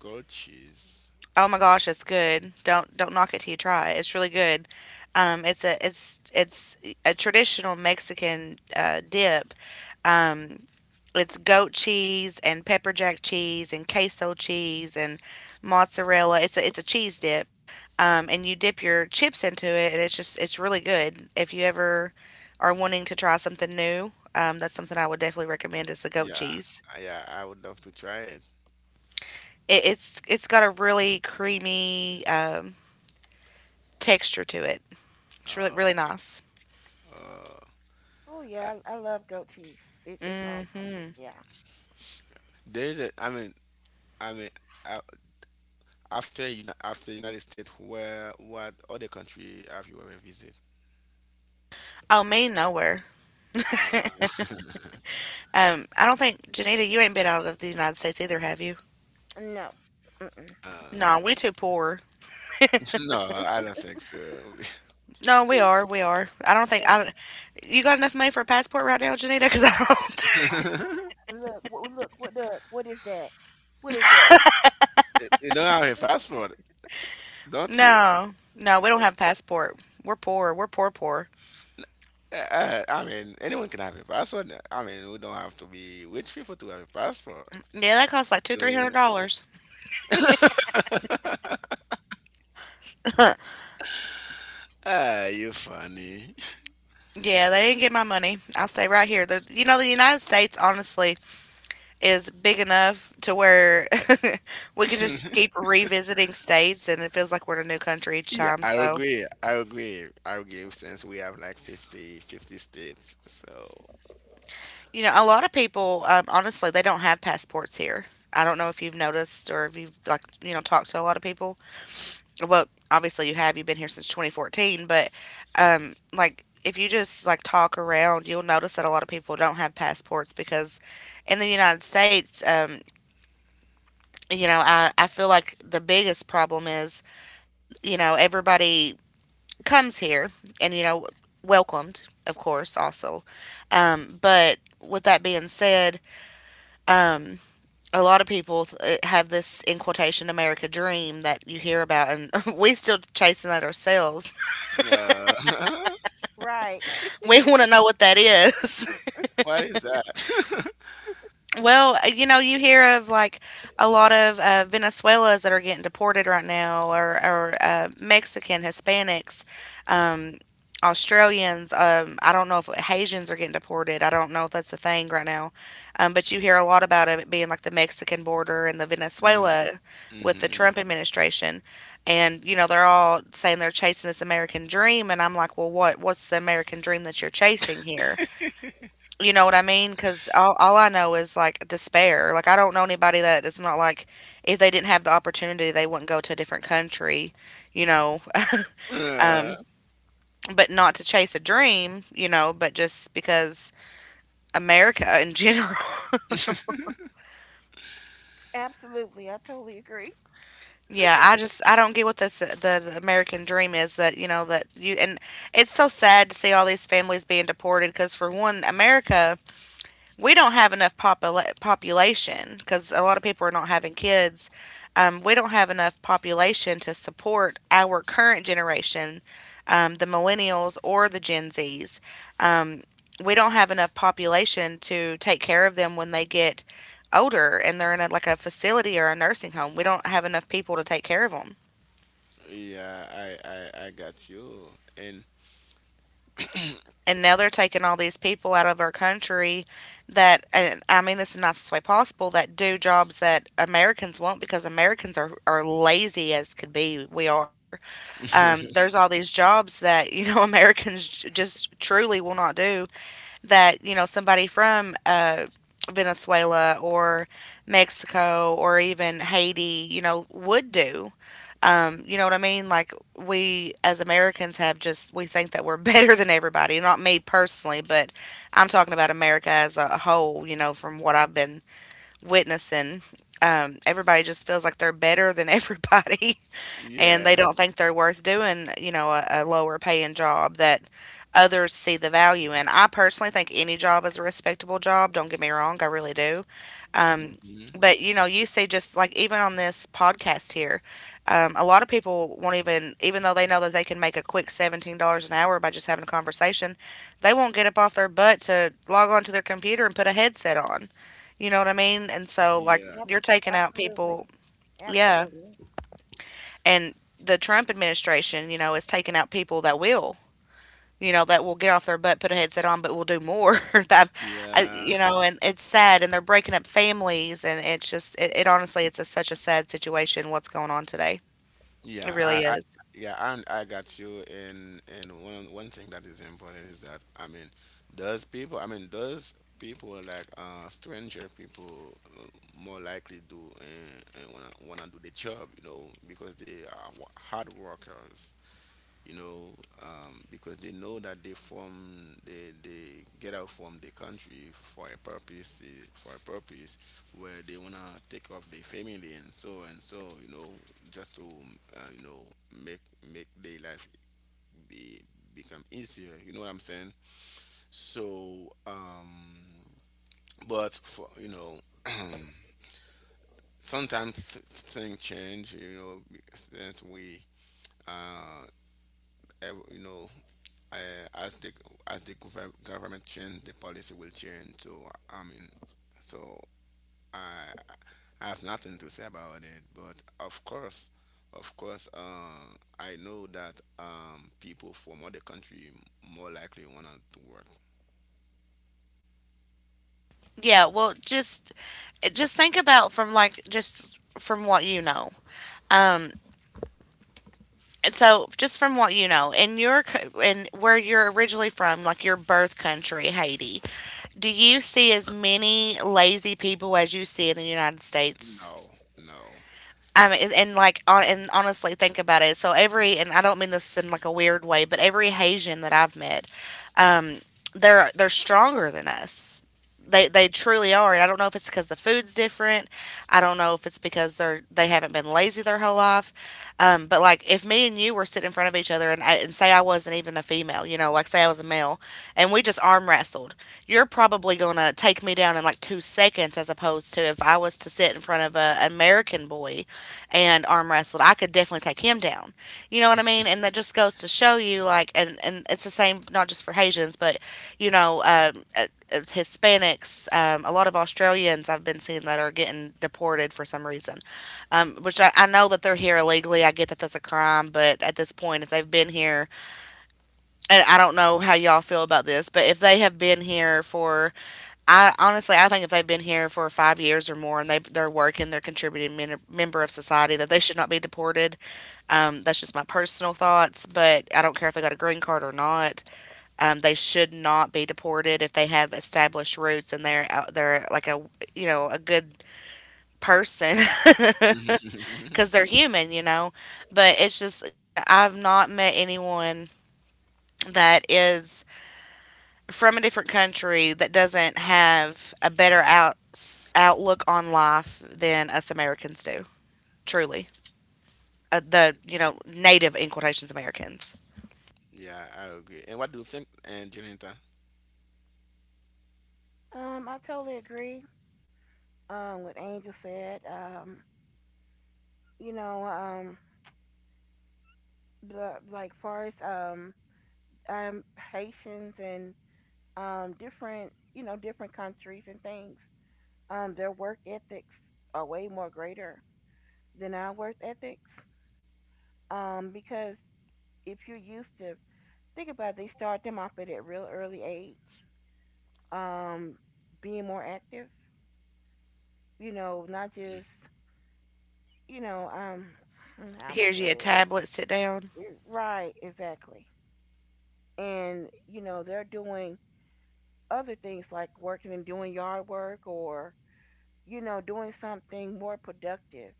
Speaker 2: Goat cheese.
Speaker 1: Oh my gosh, it's good. Don't don't knock it till you try it. It's really good. Um, it's a it's it's a traditional Mexican uh, dip. Um, It's goat cheese and pepper jack cheese and queso cheese and mozzarella. It's a it's a cheese dip, um, and you dip your chips into it, and it's just it's really good. If you ever are wanting to try something new, um, that's something I would definitely recommend. Is the goat
Speaker 2: Yeah,
Speaker 1: cheese.
Speaker 2: I- yeah, I would love to try it.
Speaker 1: It, it's it's got a really creamy um, texture to it. It's really
Speaker 2: Uh,
Speaker 1: really nice.
Speaker 2: uh,
Speaker 3: Oh
Speaker 2: I,
Speaker 3: yeah, I, I love goat cheese. It, it's awesome.
Speaker 1: Mm-hmm.
Speaker 3: Yeah.
Speaker 2: there's a. I mean, I mean, uh, after you after United States, where, what other country have you ever visited?
Speaker 1: Oh, me nowhere.
Speaker 2: Uh,
Speaker 1: Um, I don't think Janita, you ain't been out of the United States either, have you?
Speaker 3: No. Mm-mm.
Speaker 2: uh,
Speaker 1: No, we too poor.
Speaker 2: *laughs* no, I don't think so.
Speaker 1: No, we are. We are. I don't think
Speaker 3: Yeah.
Speaker 1: I don't. You got enough money for a passport right now, Janita? *laughs* Because I don't. *laughs*
Speaker 3: I,
Speaker 2: *laughs* You
Speaker 3: look. What, look. What? Look. What is that? What is that?
Speaker 2: you don't have a passport, don't you?
Speaker 1: No, no, we don't have passport. We're poor. We're poor, poor.
Speaker 2: Uh, uh, I mean, anyone can have a passport. I mean, we don't have to be rich people to have a passport.
Speaker 1: Yeah, that costs like two,
Speaker 2: Do
Speaker 1: three
Speaker 2: you?
Speaker 1: hundred dollars.
Speaker 2: Ah, you funny.
Speaker 1: Yeah, they didn't get my money. I'll stay right here. There, you know, the United States honestly is big enough to where *laughs* we can just
Speaker 2: *laughs*
Speaker 1: keep revisiting states, and it feels like we're in a new country each
Speaker 2: Yeah,
Speaker 1: time.
Speaker 2: I
Speaker 1: So,
Speaker 2: agree. I agree. I agree since we have like fifty, fifty states. So,
Speaker 1: you know, a lot of people, um, honestly, they don't have passports here. I don't know if you've noticed or if you've like you know talked to a lot of people. Well, obviously you have. You've been here since twenty fourteen, but um, like if you just like talk around, you'll notice that a lot of people don't have passports because in the United States, um, you know, I, I feel like the biggest problem is, you know, everybody comes here and, you know, welcomed, of course, also. Um, but with that being said, um, a lot of people uh, have this, in quotation, America dream that you hear about, and *laughs* we still chasing that ourselves.
Speaker 2: yeah. *laughs*
Speaker 3: Right.
Speaker 1: We want to know what that is. *laughs*
Speaker 2: What is that? *laughs*
Speaker 1: Well, uh, you know, you hear of like a lot of uh, Venezuelans that are getting deported right now, or, or uh, Mexican, Hispanics, um, Australians. Um, I don't know if Haitians are getting deported. I don't know if that's a thing right now. Um, but you hear a lot about it being like the Mexican border and the Venezuela with the
Speaker 2: Mm-hmm.
Speaker 1: Trump administration. And, you know, they're all saying they're chasing this American dream. And I'm like, well, what? What's the American dream that you're chasing here? You know what I mean? Because all, all I know is like despair. Like, I don't know anybody that it's not like if they didn't have the opportunity, they wouldn't go to a different country, you know, *laughs*
Speaker 2: Uh,
Speaker 1: um, but not to chase a dream, you know, but just because America in general.
Speaker 3: Absolutely. I totally agree.
Speaker 1: *laughs* Yeah, I just, I don't get what this, the, the American dream is that, you know, that you, and it's so sad to see all these families being deported because for one, America, we don't have enough popula- population because a lot of people are not having kids. Um, we don't have enough population to support our current generation, um, the millennials or the Gen Zs. Um, we don't have enough population to take care of them when they get older and they're in a, like a facility or a nursing home. We don't have enough people to take care of them.
Speaker 2: yeah, I, I, I got you. And
Speaker 1: And now they're taking all these people out of our country that, and I mean this in the nicest way possible, that do jobs that Americans won't because Americans are, are lazy as could be. We are. Um,
Speaker 2: *laughs*
Speaker 1: there's all these jobs that you know *laughs* Americans j- just truly will not do that, you know, somebody from uh, Venezuela or Mexico or even Haiti, you know, would do. Um, you know what I mean? Like, we as Americans have just, we think that we're *laughs* better than everybody. Not me personally, but I'm talking about America as a whole. You know, from what I've been witnessing, um, everybody just feels like they're better than everybody, *laughs* and
Speaker 2: yeah.
Speaker 1: they don't think they're worth doing. You know, a, a lower paying job that others see the value in. I personally think any job is a respectable job. Don't get me wrong, I really do. Um,
Speaker 2: Hmm.
Speaker 1: but you know, you see, just like even on this podcast here, um, a lot of people won't even, even though they know that they can make a quick seventeen dollars an hour by just having a conversation, they won't get up off their butt to log onto their computer and put a headset on. You know what I mean? And so, like,
Speaker 2: Yeah.
Speaker 3: Yep.
Speaker 1: you're taking out
Speaker 3: Absolutely.
Speaker 1: people, yeah.
Speaker 3: Absolutely.
Speaker 1: And the Trump administration, you know, is taking out people that will, you know, that will get off their butt, put a headset on, but will do more. *laughs* That, I,
Speaker 2: Yeah.
Speaker 1: you know, and it's sad, and they're breaking up families, and it's just, it, it honestly, it's a, such a sad situation what's going on today. It
Speaker 2: Yeah,
Speaker 1: really
Speaker 2: I, I
Speaker 1: is.
Speaker 2: yeah, and I got you. And and one one thing that is important is that, I mean, does people, I mean, does people like uh stranger people, uh, more likely do and, and wanna wanna do the job, you know, because they are wo- hard workers, you know, um, because they know that they form, they, they get out from the country for a purpose, eh, for a purpose where they wanna take off their family and so and so, you know, just to, uh, you know, make make their life be become easier. You know what I'm saying? So, um, but for you know. *clears throat* Sometimes th- things change, you know, be- since we, uh, ev- you know, uh, as the as the gov- government change, the policy will change. So I mean, so I I have nothing to say about it. But of course, of course, uh, I know that um, people from other country more likely wanna to work.
Speaker 1: Yeah. Well, just, just think about from like just from what you know. Um. And so, just from what you know, in your co- in where you're originally from, like your birth country, Haiti, do you see as many lazy people as you see in the United States?
Speaker 2: No, no.
Speaker 1: Um, and, and like, on, and honestly, think about it. So every, and I don't mean this in like a weird way, but every Haitian that I've met, they're they're stronger than us. They they truly are. And I don't know if it's because the food's different. I don't know if it's because they're they haven't been lazy their whole life. Um, but like if me and you were sitting in front of each other and I, and say I wasn't even a female, you know, like say I was a male, and we just arm wrestled, you're probably gonna take me down in like two seconds, as opposed to if I was to sit in front of a American boy and arm wrestled, I could definitely take him down. You know what I mean? And that just goes to show you like, and and it's the same not just for Haitians, but you know, um, uh, uh, Hispanics, um, a lot of Australians I've been seeing that are getting deported for some reason, um, which I, I know that they're here illegally. I get that that's a crime, but at this point, if they've been here, and I don't know how y'all feel about this, but if they have been here for, I honestly, I think if they've been here for five years or more and they, they're working, they're contributing, men, member of society, that they should not be deported. Um, that's just my personal thoughts, but I don't care if they got a green card or not. Um, they should not be deported if they have established roots and they're out they're like a you know a good person *laughs* because
Speaker 2: *laughs*
Speaker 1: they're human, you know. But it's just, you know I've not met anyone that is from a different country that doesn't have a better out outlook on life than us Americans do. Truly, uh, the you know native in quotations Americans.
Speaker 2: Yeah, I agree. And what do you think, uh, Janita?
Speaker 3: Um, I totally agree. Um, what Angel said. Um, you know, um, the, like far as um, um, Haitians and um, different, you know, different countries and things. Um, their work ethics are way more greater than our worth ethics. Um, because if you're used to think about it, they start them off at a real early age, um, being more active, you know, not just, you know, um *sighs* how am I
Speaker 1: Here's you
Speaker 3: put
Speaker 1: a
Speaker 3: it?
Speaker 1: tablet. Sit down.
Speaker 3: Right, exactly. And, you know, they're doing other things like working and doing yard work or, you know, doing something more productive,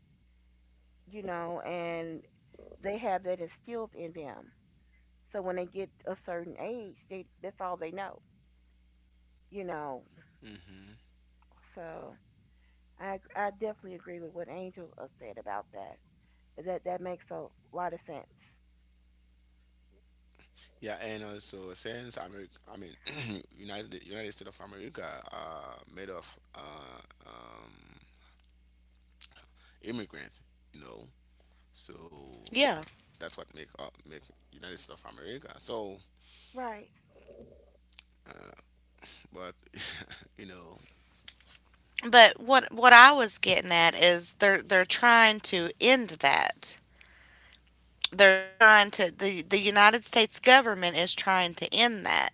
Speaker 3: you know, and they have that instilled in them. So when they get a certain age, they that's all they know. You know, so i ag- I definitely agree with what Angel uh, said about that. That that makes a lot of sense.
Speaker 2: Yeah, and also since America, I mean, *clears throat* United United States of America are made of uh, um, immigrants, you know. So
Speaker 1: Yeah.
Speaker 2: that's what make up make United States of America. So,
Speaker 3: Right.
Speaker 2: uh, but *laughs* you know,
Speaker 1: But what what I was getting at is they're they're trying to end that. They're trying to the the United States government is trying to end that,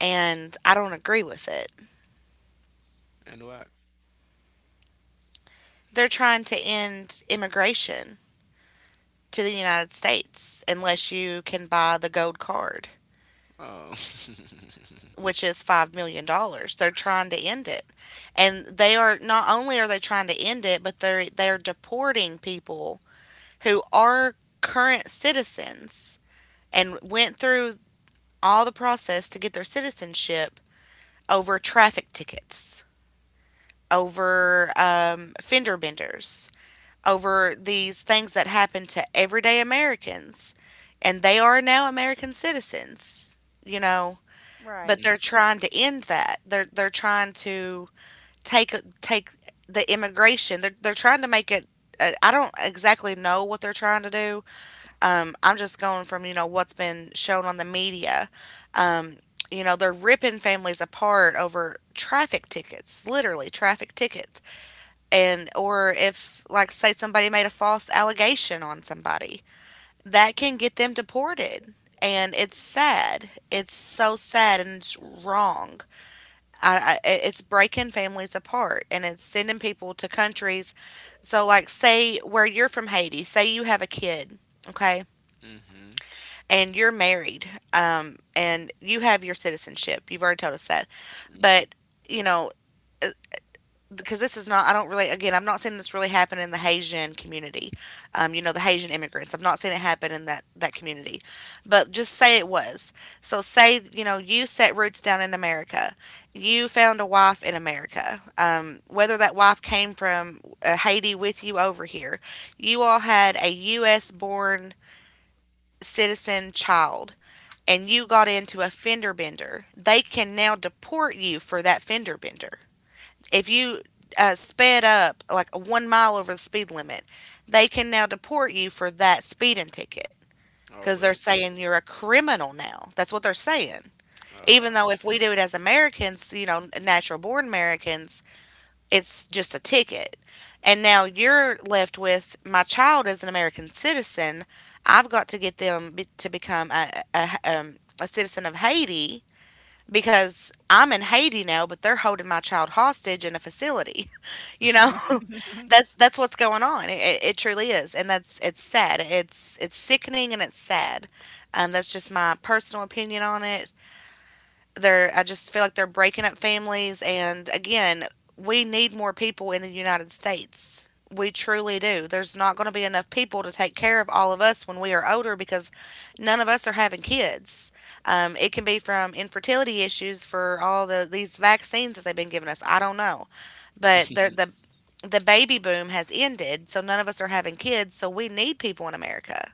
Speaker 1: and I don't agree with it.
Speaker 2: and what?
Speaker 1: They're trying to end immigration to the United States unless you can buy the gold card,
Speaker 2: Oh, *laughs*
Speaker 1: which is five million dollars. They're trying to end it. And they are not only are they trying to end it, but they're they're deporting people who are current citizens and went through all the process to get their citizenship over traffic tickets, over um, fender benders, over these things that happen to everyday Americans. And they are now American citizens, you know,
Speaker 3: Right.
Speaker 1: but
Speaker 2: mm-hmm,
Speaker 1: they're trying to end that. They're, they're trying to take, take the immigration, they're, they're trying to make it. I I don't exactly know what they're trying to do. um, I'm just going from, you know, what's been shown on the media. Um, you know, they're ripping families apart over traffic tickets, literally traffic tickets. And, or if, like, say somebody made a false allegation on somebody, that can get them deported. And it's sad. It's so sad and it's wrong. I, I, it's breaking families apart and it's sending people to countries. So, like, say where you're from Haiti, say you have a kid, okay?
Speaker 2: mm-hmm.
Speaker 1: And you're married, um, and you have your citizenship. You've already told us that. But, you know, uh, because this is not, I don't really, again, I'm not seeing this really happen in the Haitian community. Um, you know, the Haitian immigrants. I've not seen it happen in that, that community. But just say it was. So say, you know, you set roots down in America. You found a wife in America. Um, whether that wife came from uh, Haiti with you over here, you all had a U S born citizen child and you got into a fender bender, they can now deport you for that fender bender. If you uh, sped up like one mile over the speed limit, they can now deport you for that speeding ticket
Speaker 2: Oh
Speaker 1: because they're
Speaker 2: wait.
Speaker 1: saying you're a criminal now. That's what they're saying. Even
Speaker 2: Uh,
Speaker 1: though if we do it as Americans, you know, natural born Americans, it's just a ticket. And now you're left with my child is an American citizen. I've got to get them be- to become a, a, um, a citizen of Haiti because I'm in Haiti now, but they're holding my child hostage in a facility. *laughs* You know, *laughs* that's that's what's going on. It, it, it truly is, and that's it's sad. It's it's sickening and it's sad. Um, that's just my personal opinion on it. They're, I just feel like they're breaking up families, and again, we need more people in the United States. We truly do. There's not going to be enough people to take care of all of us when we are older because none of us are having kids. Um, it can be from infertility issues for all the these vaccines that they've been giving us. I don't know, but the the the baby boom has ended, so none of us are having kids. So we need people in America.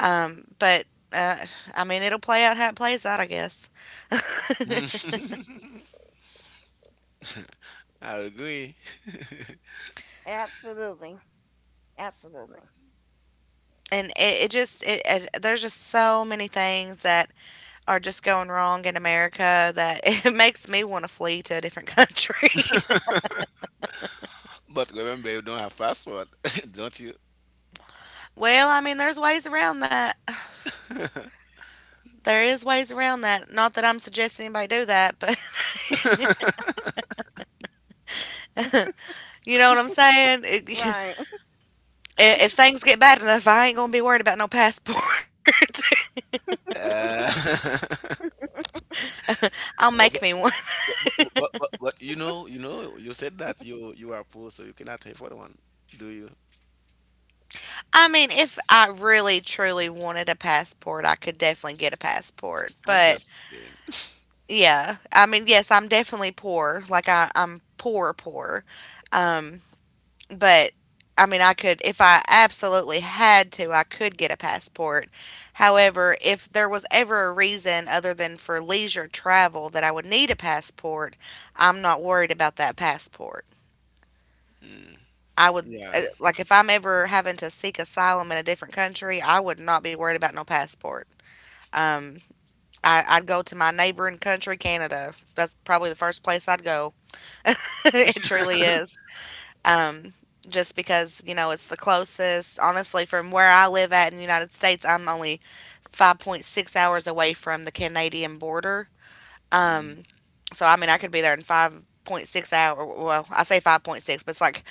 Speaker 1: Um, but uh, I mean, it'll play out how it plays out, I guess. *laughs*
Speaker 2: *laughs* I agree.
Speaker 3: Absolutely. Absolutely.
Speaker 1: And it, it just it, it there's just so many things that are just going wrong in America that *laughs* it makes me want to flee to a different country.
Speaker 2: But remember, you don't have passport, *laughs* don't you?
Speaker 1: *laughs* Well, I mean, there's ways around that. There is ways around that. Not that I'm suggesting anybody do that, but *laughs* you know what I'm saying. It,
Speaker 3: Right.
Speaker 1: *laughs* i- if things get bad enough, I ain't gonna be worried about no passport. *laughs*
Speaker 2: Uh, *laughs*
Speaker 1: I'll
Speaker 2: oh,
Speaker 1: make
Speaker 2: but,
Speaker 1: me one.
Speaker 2: but, but, but, but you know, you know, you said that you you are poor, so you cannot pay for the one, do you?
Speaker 1: I mean, if I really truly wanted a passport, I could definitely get a passport,
Speaker 2: I'm
Speaker 1: but
Speaker 2: just kidding. *laughs*
Speaker 1: yeah. I mean, yes, I'm definitely poor. Like I, I'm poor, poor. Um, but I mean, I could, if I absolutely had to, I could get a passport. However, if there was ever a reason other than for leisure travel that I would need a passport, I'm not worried about that passport.
Speaker 2: Mm,
Speaker 1: I would,
Speaker 2: yeah.
Speaker 1: uh, like, if I'm ever having to seek asylum in a different country, I would not be worried about no passport. Um, I, I'd go to my neighboring country, Canada. That's probably the first place I'd go. *laughs* It truly is. Um, just because, you know, it's the closest. Honestly, from where I live at in the United States, I'm only five point six hours away from the Canadian border.
Speaker 2: Mm,
Speaker 1: Um, so I mean, I could be there in five point six hour. Well, I say five point six, but it's like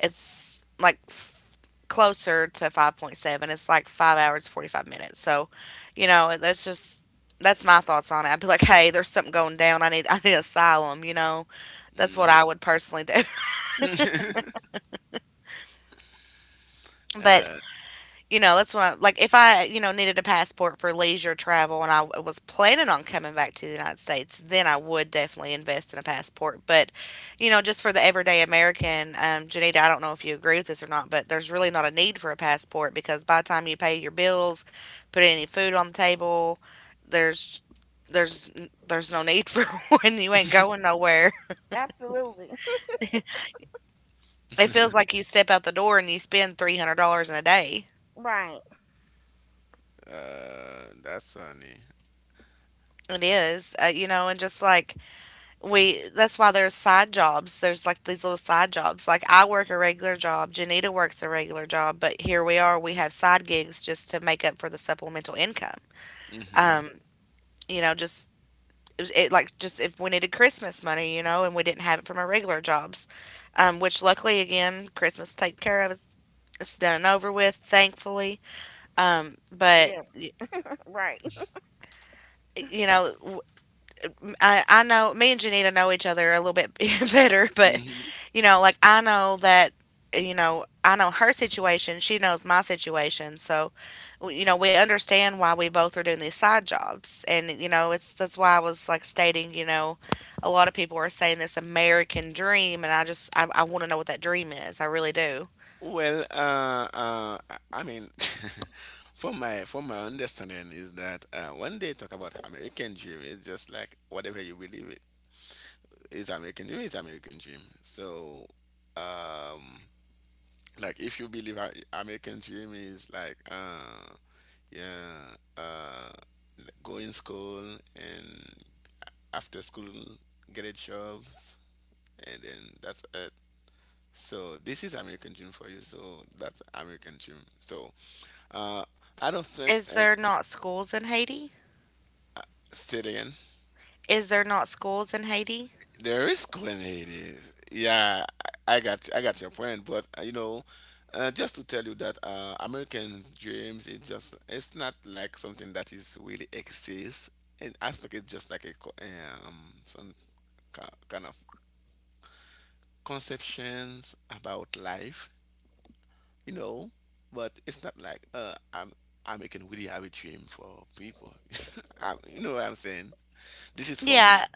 Speaker 1: it's like f- closer to five point seven. It's like five hours forty-five minutes. So, you know, that's just that's my thoughts on it. I'd be like, "Hey, there's something going down. I need, I need asylum," you know. That's what I
Speaker 2: mm.
Speaker 1: would personally do. *laughs*
Speaker 2: *laughs*
Speaker 1: But
Speaker 2: uh,
Speaker 1: you know, that's what I, like if I, you know, needed a passport for leisure travel and I w- was planning on coming back to the United States, then I would definitely invest in a passport. But, you know, just for the everyday American, um, Janita, I don't know if you agree with this or not, but there's really not a need for a passport because by the time you pay your bills, put any food on the table, there's there's there's no need for *laughs* when you ain't going nowhere.
Speaker 3: *laughs* Absolutely.
Speaker 1: It feels like you step out the door and you spend three hundred dollars in a day.
Speaker 3: *laughs* Right.
Speaker 2: uh, that's funny.
Speaker 1: It is, uh, you know, and just like we that's why there's side jobs. There's like these little side jobs, like I work a regular job, Janita works a regular job, but here we are, we have side gigs just to make up for the supplemental income.
Speaker 2: Hmm.
Speaker 1: Um, you know, just it, like just if we needed Christmas money, you know, and we didn't have it from our regular jobs. Um, which luckily, again, Christmas taken care of. It's, it's done and over with, thankfully. um but
Speaker 3: Yeah.
Speaker 1: y-
Speaker 3: *laughs* Right.
Speaker 1: you know, I, I know me and Janita know each other a little bit *laughs* better, but
Speaker 2: Hmm.
Speaker 1: you know, like I know that, you know, I know her situation, she knows my situation, so you know, we understand why we both are doing these side jobs, and you know, it's that's why I was like stating, you know, a lot of people are saying this American dream, and I just I, I want to know what that dream is, I really do.
Speaker 2: Well, uh, uh, I I mean, *laughs* from my from my understanding is that, uh, when they talk about American dream, it's just like whatever you believe it is. American dream is American dream. So, um, like if you believe I- American dream is like uh yeah uh go in school and after school get a jobs and then that's it. So this is American dream for you, so that's American dream. So, uh I don't think.
Speaker 1: Is
Speaker 2: And
Speaker 1: there not schools in Haiti?
Speaker 2: say it again.
Speaker 1: Is there not schools in Haiti?
Speaker 2: There is coordinators. Yeah, I I got, I got your point, but uh, you know, uh, just to tell you that uh, Americans' dreams is just, it's not like something that is really exists, and I think it's just like a co- um some ki- kind of conceptions about life, you know. But it's not like uh, I'm American really have a dream for people. *laughs* I, you know what I'm saying? This is from
Speaker 1: Yeah,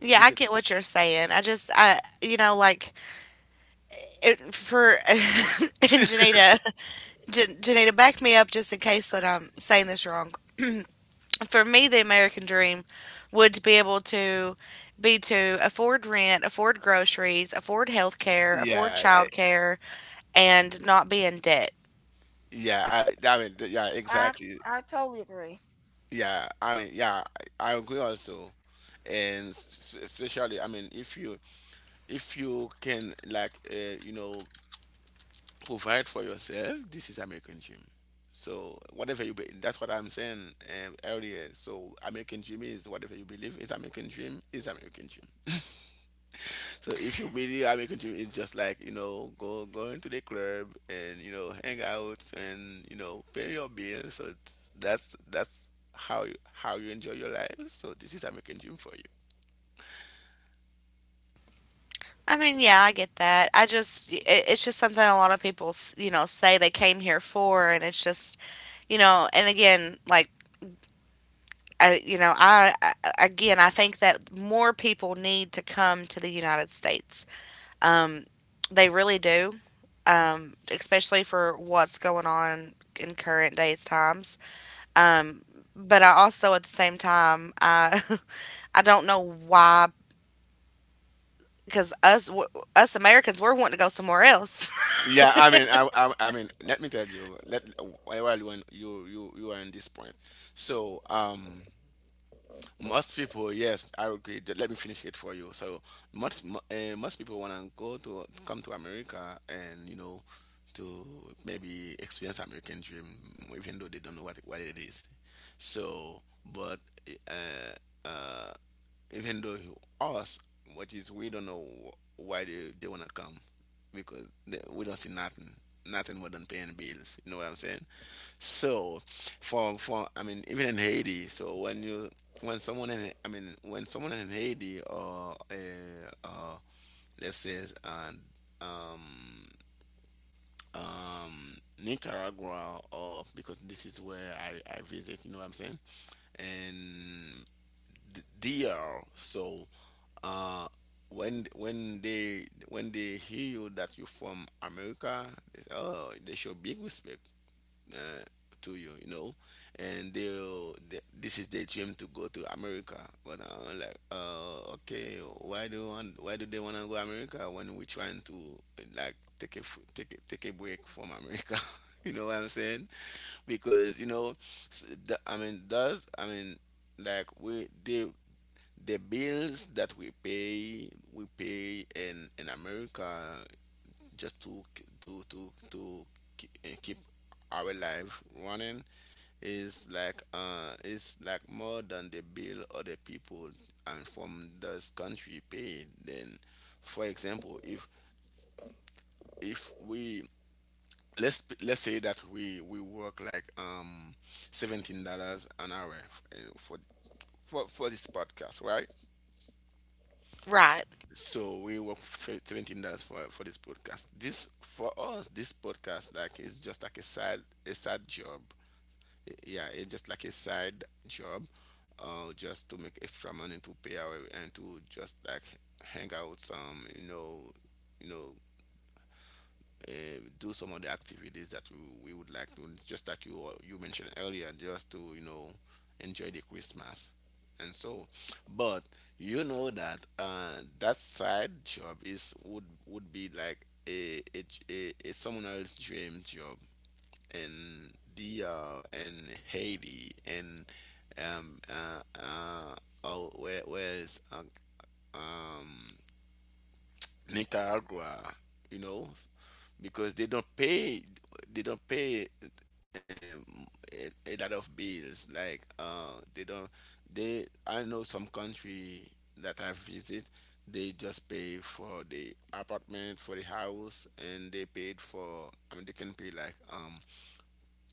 Speaker 1: yeah, I
Speaker 2: this is.
Speaker 1: get what you're saying. I just I you know like it, for *laughs* and Janita, Jan- Janita, back me up just in case that I'm saying this wrong. For me, the American dream would be able to be to afford rent, afford groceries, afford health care, afford
Speaker 2: Yeah,
Speaker 1: childcare, and not be in debt.
Speaker 2: yeah, I, I mean, yeah,
Speaker 3: i
Speaker 2: exactly.
Speaker 3: i totally agree.
Speaker 2: Yeah, I mean, yeah, i I agree also. And s- s- especially, I mean, if you, if you can like, uh, you know, provide for yourself, this is American dream. So whatever you be, that's what I'm saying, uh, earlier. So American dream is whatever you believe is American dream is American dream. So if you really are making dream, it's just like you know, go going to the club and you know, hang out and you know, pay your bills. So that's that's how you how you enjoy your life. So this is American dream for you.
Speaker 1: I mean, yeah, I get that. I just, it, it's just something a lot of people, s- you know, say they came here for, and it's just, you know, and again, like I you know, I, I again, I think that more people need to come to the United States. Um, they really do, um, especially for what's going on in current days times. Um, but I also, at the same time, I *laughs* I don't know why because us w- us Americans we're wanting to go somewhere else.
Speaker 2: Yeah, I mean, I, I, I mean, let me tell you. Let while you are- you you you are in this point. So, um, most people, yes, I agree. Th- Let me finish it for you. So, most uh, most people want to go to come to America and you know, to maybe experience American dream, even though they don't know what what it is. So, but eh, uh, even though you ask, which is we don't know wh- why they, they want to come because they, we don't see nothing, nothing more than paying bills. You know what I'm saying? So, for for I mean, even in Haiti, so when you, when someone in, I mean, when someone in Haiti or uh, uh let's say uh, um um Nicaragua, or because this is where I I visit. You know what I'm saying? And th- D R. So uh when when they when they hear you that you're from America, they say, oh, they show big respect uh, to you, you know, and they'll they, this is their dream to go to America. But uh, like, uh, okay, why do want, why do they want to go America when we're trying to uh, like take a f- take a, take a break from America? *laughs* You know what I'm saying? Because you know, s- the, I mean, does I mean like we they, the bills that we pay we pay in in America just to k- to to to k- eh, keep our life running is like uh is like more than the bill other people and from this country pay. Then for example, if if we, let's let's say that we we work like um seventeen dollars an hour f- eh, for for for this podcast, right?
Speaker 1: *laughs* Right?
Speaker 2: So we work f- seventeen dollars for for this podcast. This for us, this podcast like is just like a side a side job. I- Yeah, it's just like a side job, uh, just to make extra money to pay our, and to just like hang out some, you know, you know, uh, do some of the activities that we, we would like to, just like you you mentioned earlier, just to you know enjoy the Christmas. And so, but you know that uh that side job is would would be like a a, a, a someone else's dream job. And the uh and Haiti and um uh uh oh, where where is uh, um Nicaragua, you know, because they don't pay, they don't pay um, a, a lot of bills. Like uh, they don't they I know some country that I visit, they just pay for the apartment for the house and they paid for, I mean, they can pay like um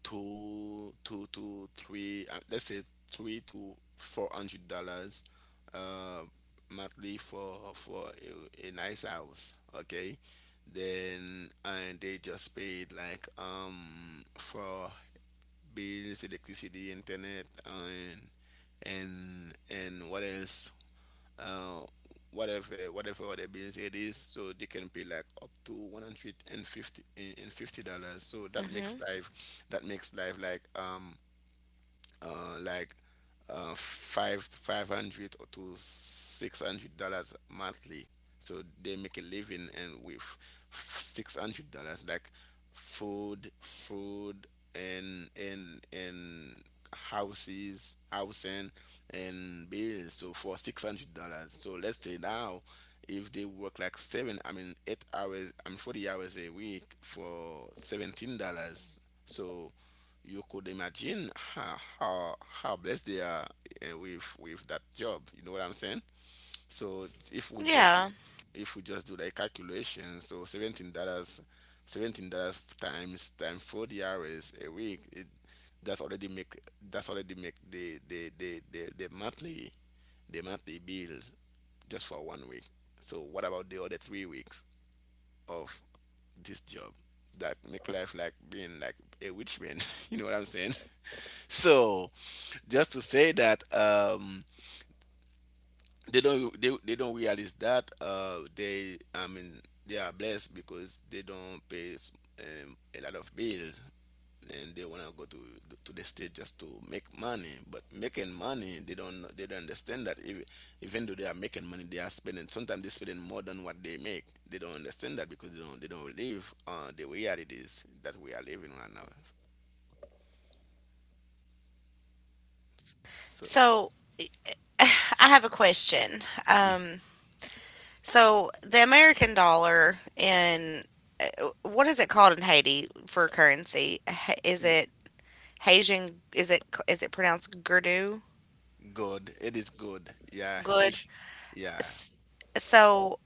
Speaker 2: two, two to three, uh, let's say three to four hundred dollars uh monthly for for a, a nice house, okay. Then and they just paid like um for bills, electricity, internet, and and and what else, uh, whatever whatever other bills it is, so they can pay like up to one hundred fifty and fifty, eh, and fifty dollars, so that makes
Speaker 1: Hmm.
Speaker 2: life that makes life like um uh, like uh, five five hundred or to six hundred dollars monthly. So they make a living and with six hundred dollars, like food, food, and and and houses, housing, and bills. So for six hundred dollars. So let's say now, if they work like seven, I mean eight hours, I mean forty hours a week for seventeen dollars. So you could imagine how how, how blessed they are, eh, with with that job. You know what I'm saying? So if we just do,
Speaker 1: Yeah.
Speaker 2: if we just do the calculation. So seventeen dollars, seventeen dollars times times forty hours a week, it, that's already make that's already make the the the the, the monthly the monthly bill just for one week. So what about the other three weeks of this job that make life like being like a rich man? *laughs* You know what I'm saying? *laughs* So just to say that um they don't they, they don't realize that uh they I mean they are blessed because they don't pay s- um, a lot of bills, and they want to go to to the state just to make money. But making money, they don't know- they don't understand that, even, even though they are making money they are spending. Sometimes they're spending more than what they make. They don't understand that because they don't they don't live uh, the realities that we are living right now. So,
Speaker 1: So *sighs* I have a question. Um, so the American dollar in what is it called in Haiti for currency? Ha- Is it Haitian? Is it is it pronounced Gerdu?
Speaker 2: good. It is good, yeah.
Speaker 1: Good.
Speaker 2: Haitian-. Yeah,
Speaker 1: S- So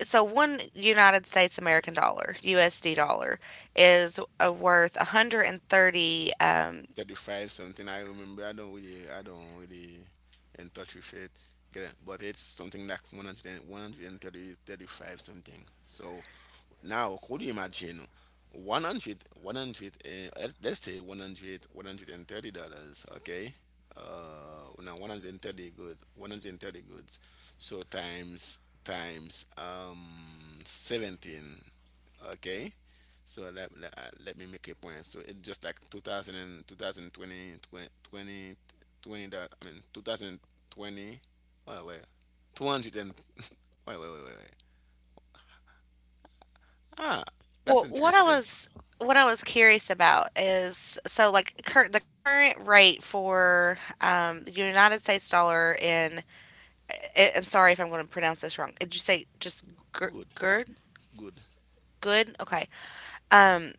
Speaker 1: so one United States American dollar U S D dollar is uh, worth one hundred thirty. Um,
Speaker 2: thirty-five something. I remember i don't really I don't really in touch with it get it, but it's something like one hundred, and one hundred and thirty, thirty-five something. So now could you imagine? One hundred, one hundred? uh, let's let's say one hundred, one hundred and thirty dollars, okay. Uh now one hundred thirty good, one hundred thirty goods, so times times um seventeen, okay. So let, let, uh, let me make a point. So it's just like two thousand and two thousand twenty, 20 20, twenty that I mean twenty twenty. Oh, wait. two hundred and *laughs* wait wait wait wait wait. Ah. That's
Speaker 1: well, what I
Speaker 2: interesting.
Speaker 1: was what I was curious about is so like cur- the current rate for um, the United States dollar in I- I'm sorry if I'm going to pronounce this wrong. Did you say just
Speaker 2: Good.
Speaker 1: Ger-
Speaker 2: Good.
Speaker 1: Good. Okay. Um,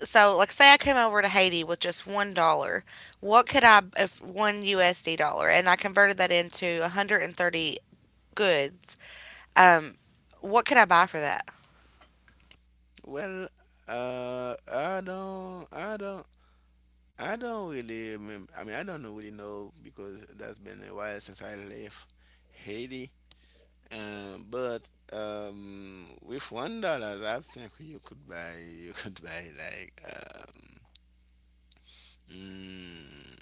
Speaker 1: so like say I came over to Haiti with just one dollar, what could I if one U S D dollar and I converted that into one hundred thirty goods, um, what could I buy for that?
Speaker 2: Well, uh i don't i don't I don't really remember. I mean, I don't know really know, because that's been a while since I left Haiti. Uh, but um, with one dollars, I think you could buy you could buy like um, mm,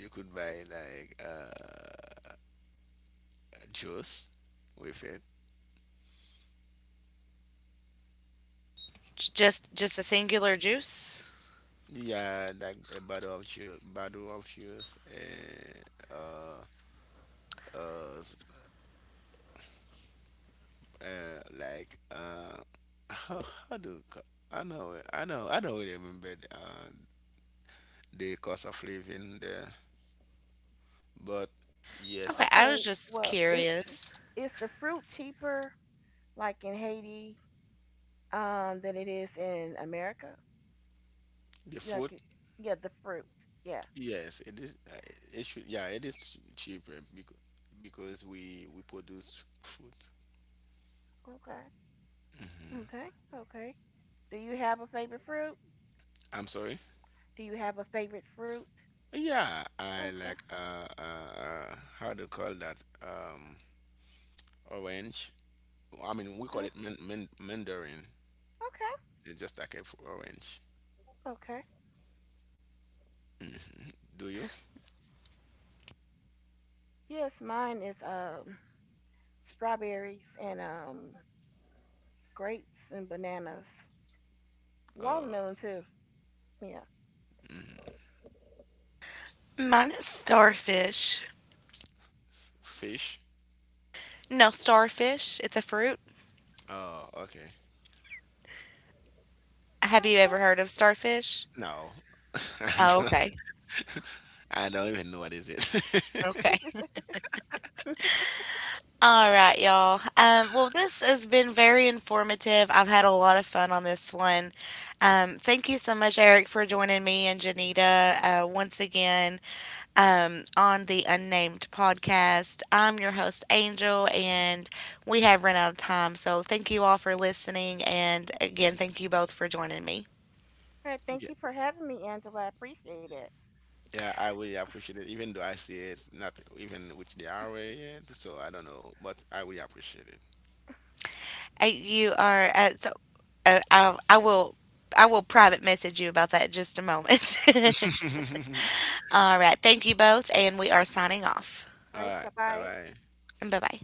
Speaker 2: you could buy like uh, juice with it.
Speaker 1: J- Just just a singular juice?
Speaker 2: Yeah, like a bottle of juice, bottle of juice, and uh, uh, s- uh like uh, how, how do you ca- I know it- I know I don't really remember the, uh, the cost of living there, but
Speaker 1: Okay,
Speaker 2: yes,
Speaker 1: I
Speaker 3: Okay,
Speaker 1: was just
Speaker 3: well is
Speaker 1: curious.
Speaker 3: is the fruit cheaper like in Haiti um than it is in America?
Speaker 2: the
Speaker 3: You
Speaker 2: food.
Speaker 3: like it- yeah the fruit yeah.
Speaker 2: Yes, it is. uh, It should. Yeah, it is ch- cheaper because because we we produce food.
Speaker 3: Okay. Okay. Okay. Do you have a favorite fruit?
Speaker 2: I'm sorry.
Speaker 3: Do you have a favorite fruit?
Speaker 2: Yeah, I
Speaker 3: Okay.
Speaker 2: like uh, uh, uh how to call that, um orange. I mean, we call
Speaker 3: Yeah.
Speaker 2: it man, man, mandarin. It's just like a f- orange.
Speaker 3: Okay. Okay.
Speaker 2: Mhm. Do you?
Speaker 3: Yes, mine is um strawberries and um grapes and bananas.
Speaker 2: Uh,
Speaker 3: Watermelon too. Yeah.
Speaker 1: Mine is starfish.
Speaker 2: s- Fish.
Speaker 1: No, starfish. It's a fruit.
Speaker 2: Oh, okay.
Speaker 1: Have you
Speaker 3: Okay.
Speaker 1: ever heard of starfish?
Speaker 2: No, *laughs* I
Speaker 1: Oh,
Speaker 2: don't
Speaker 1: okay.
Speaker 2: I don't even know what is
Speaker 1: Okay.
Speaker 2: it.
Speaker 3: *laughs*
Speaker 1: All right, y'all. Um, well, this has been very informative. I've had a lot of fun on this one. Um, thank you so much, Eric, for joining me and Janita, uh, once again, um, on the Unnamed podcast. I'm your host, Angel, and we have run out of time. So thank you all for listening. And again, thank you both for joining me.
Speaker 3: All right. Thank you
Speaker 2: *laughs*
Speaker 3: for having me, Angela. I appreciate it.
Speaker 2: Yeah, I really appreciate it, even though I see it's not even which the hour yet, so I don't know, but I really appreciate
Speaker 1: Uh, you are, uh, so uh, I, I will. I will private message you about that in just a moment. *laughs*
Speaker 2: it. *laughs*
Speaker 1: All right. Thank you both, and we are signing off.
Speaker 3: All
Speaker 2: All
Speaker 3: right. Bye
Speaker 2: right, bye
Speaker 3: bye.
Speaker 2: bye.
Speaker 1: Bye bye.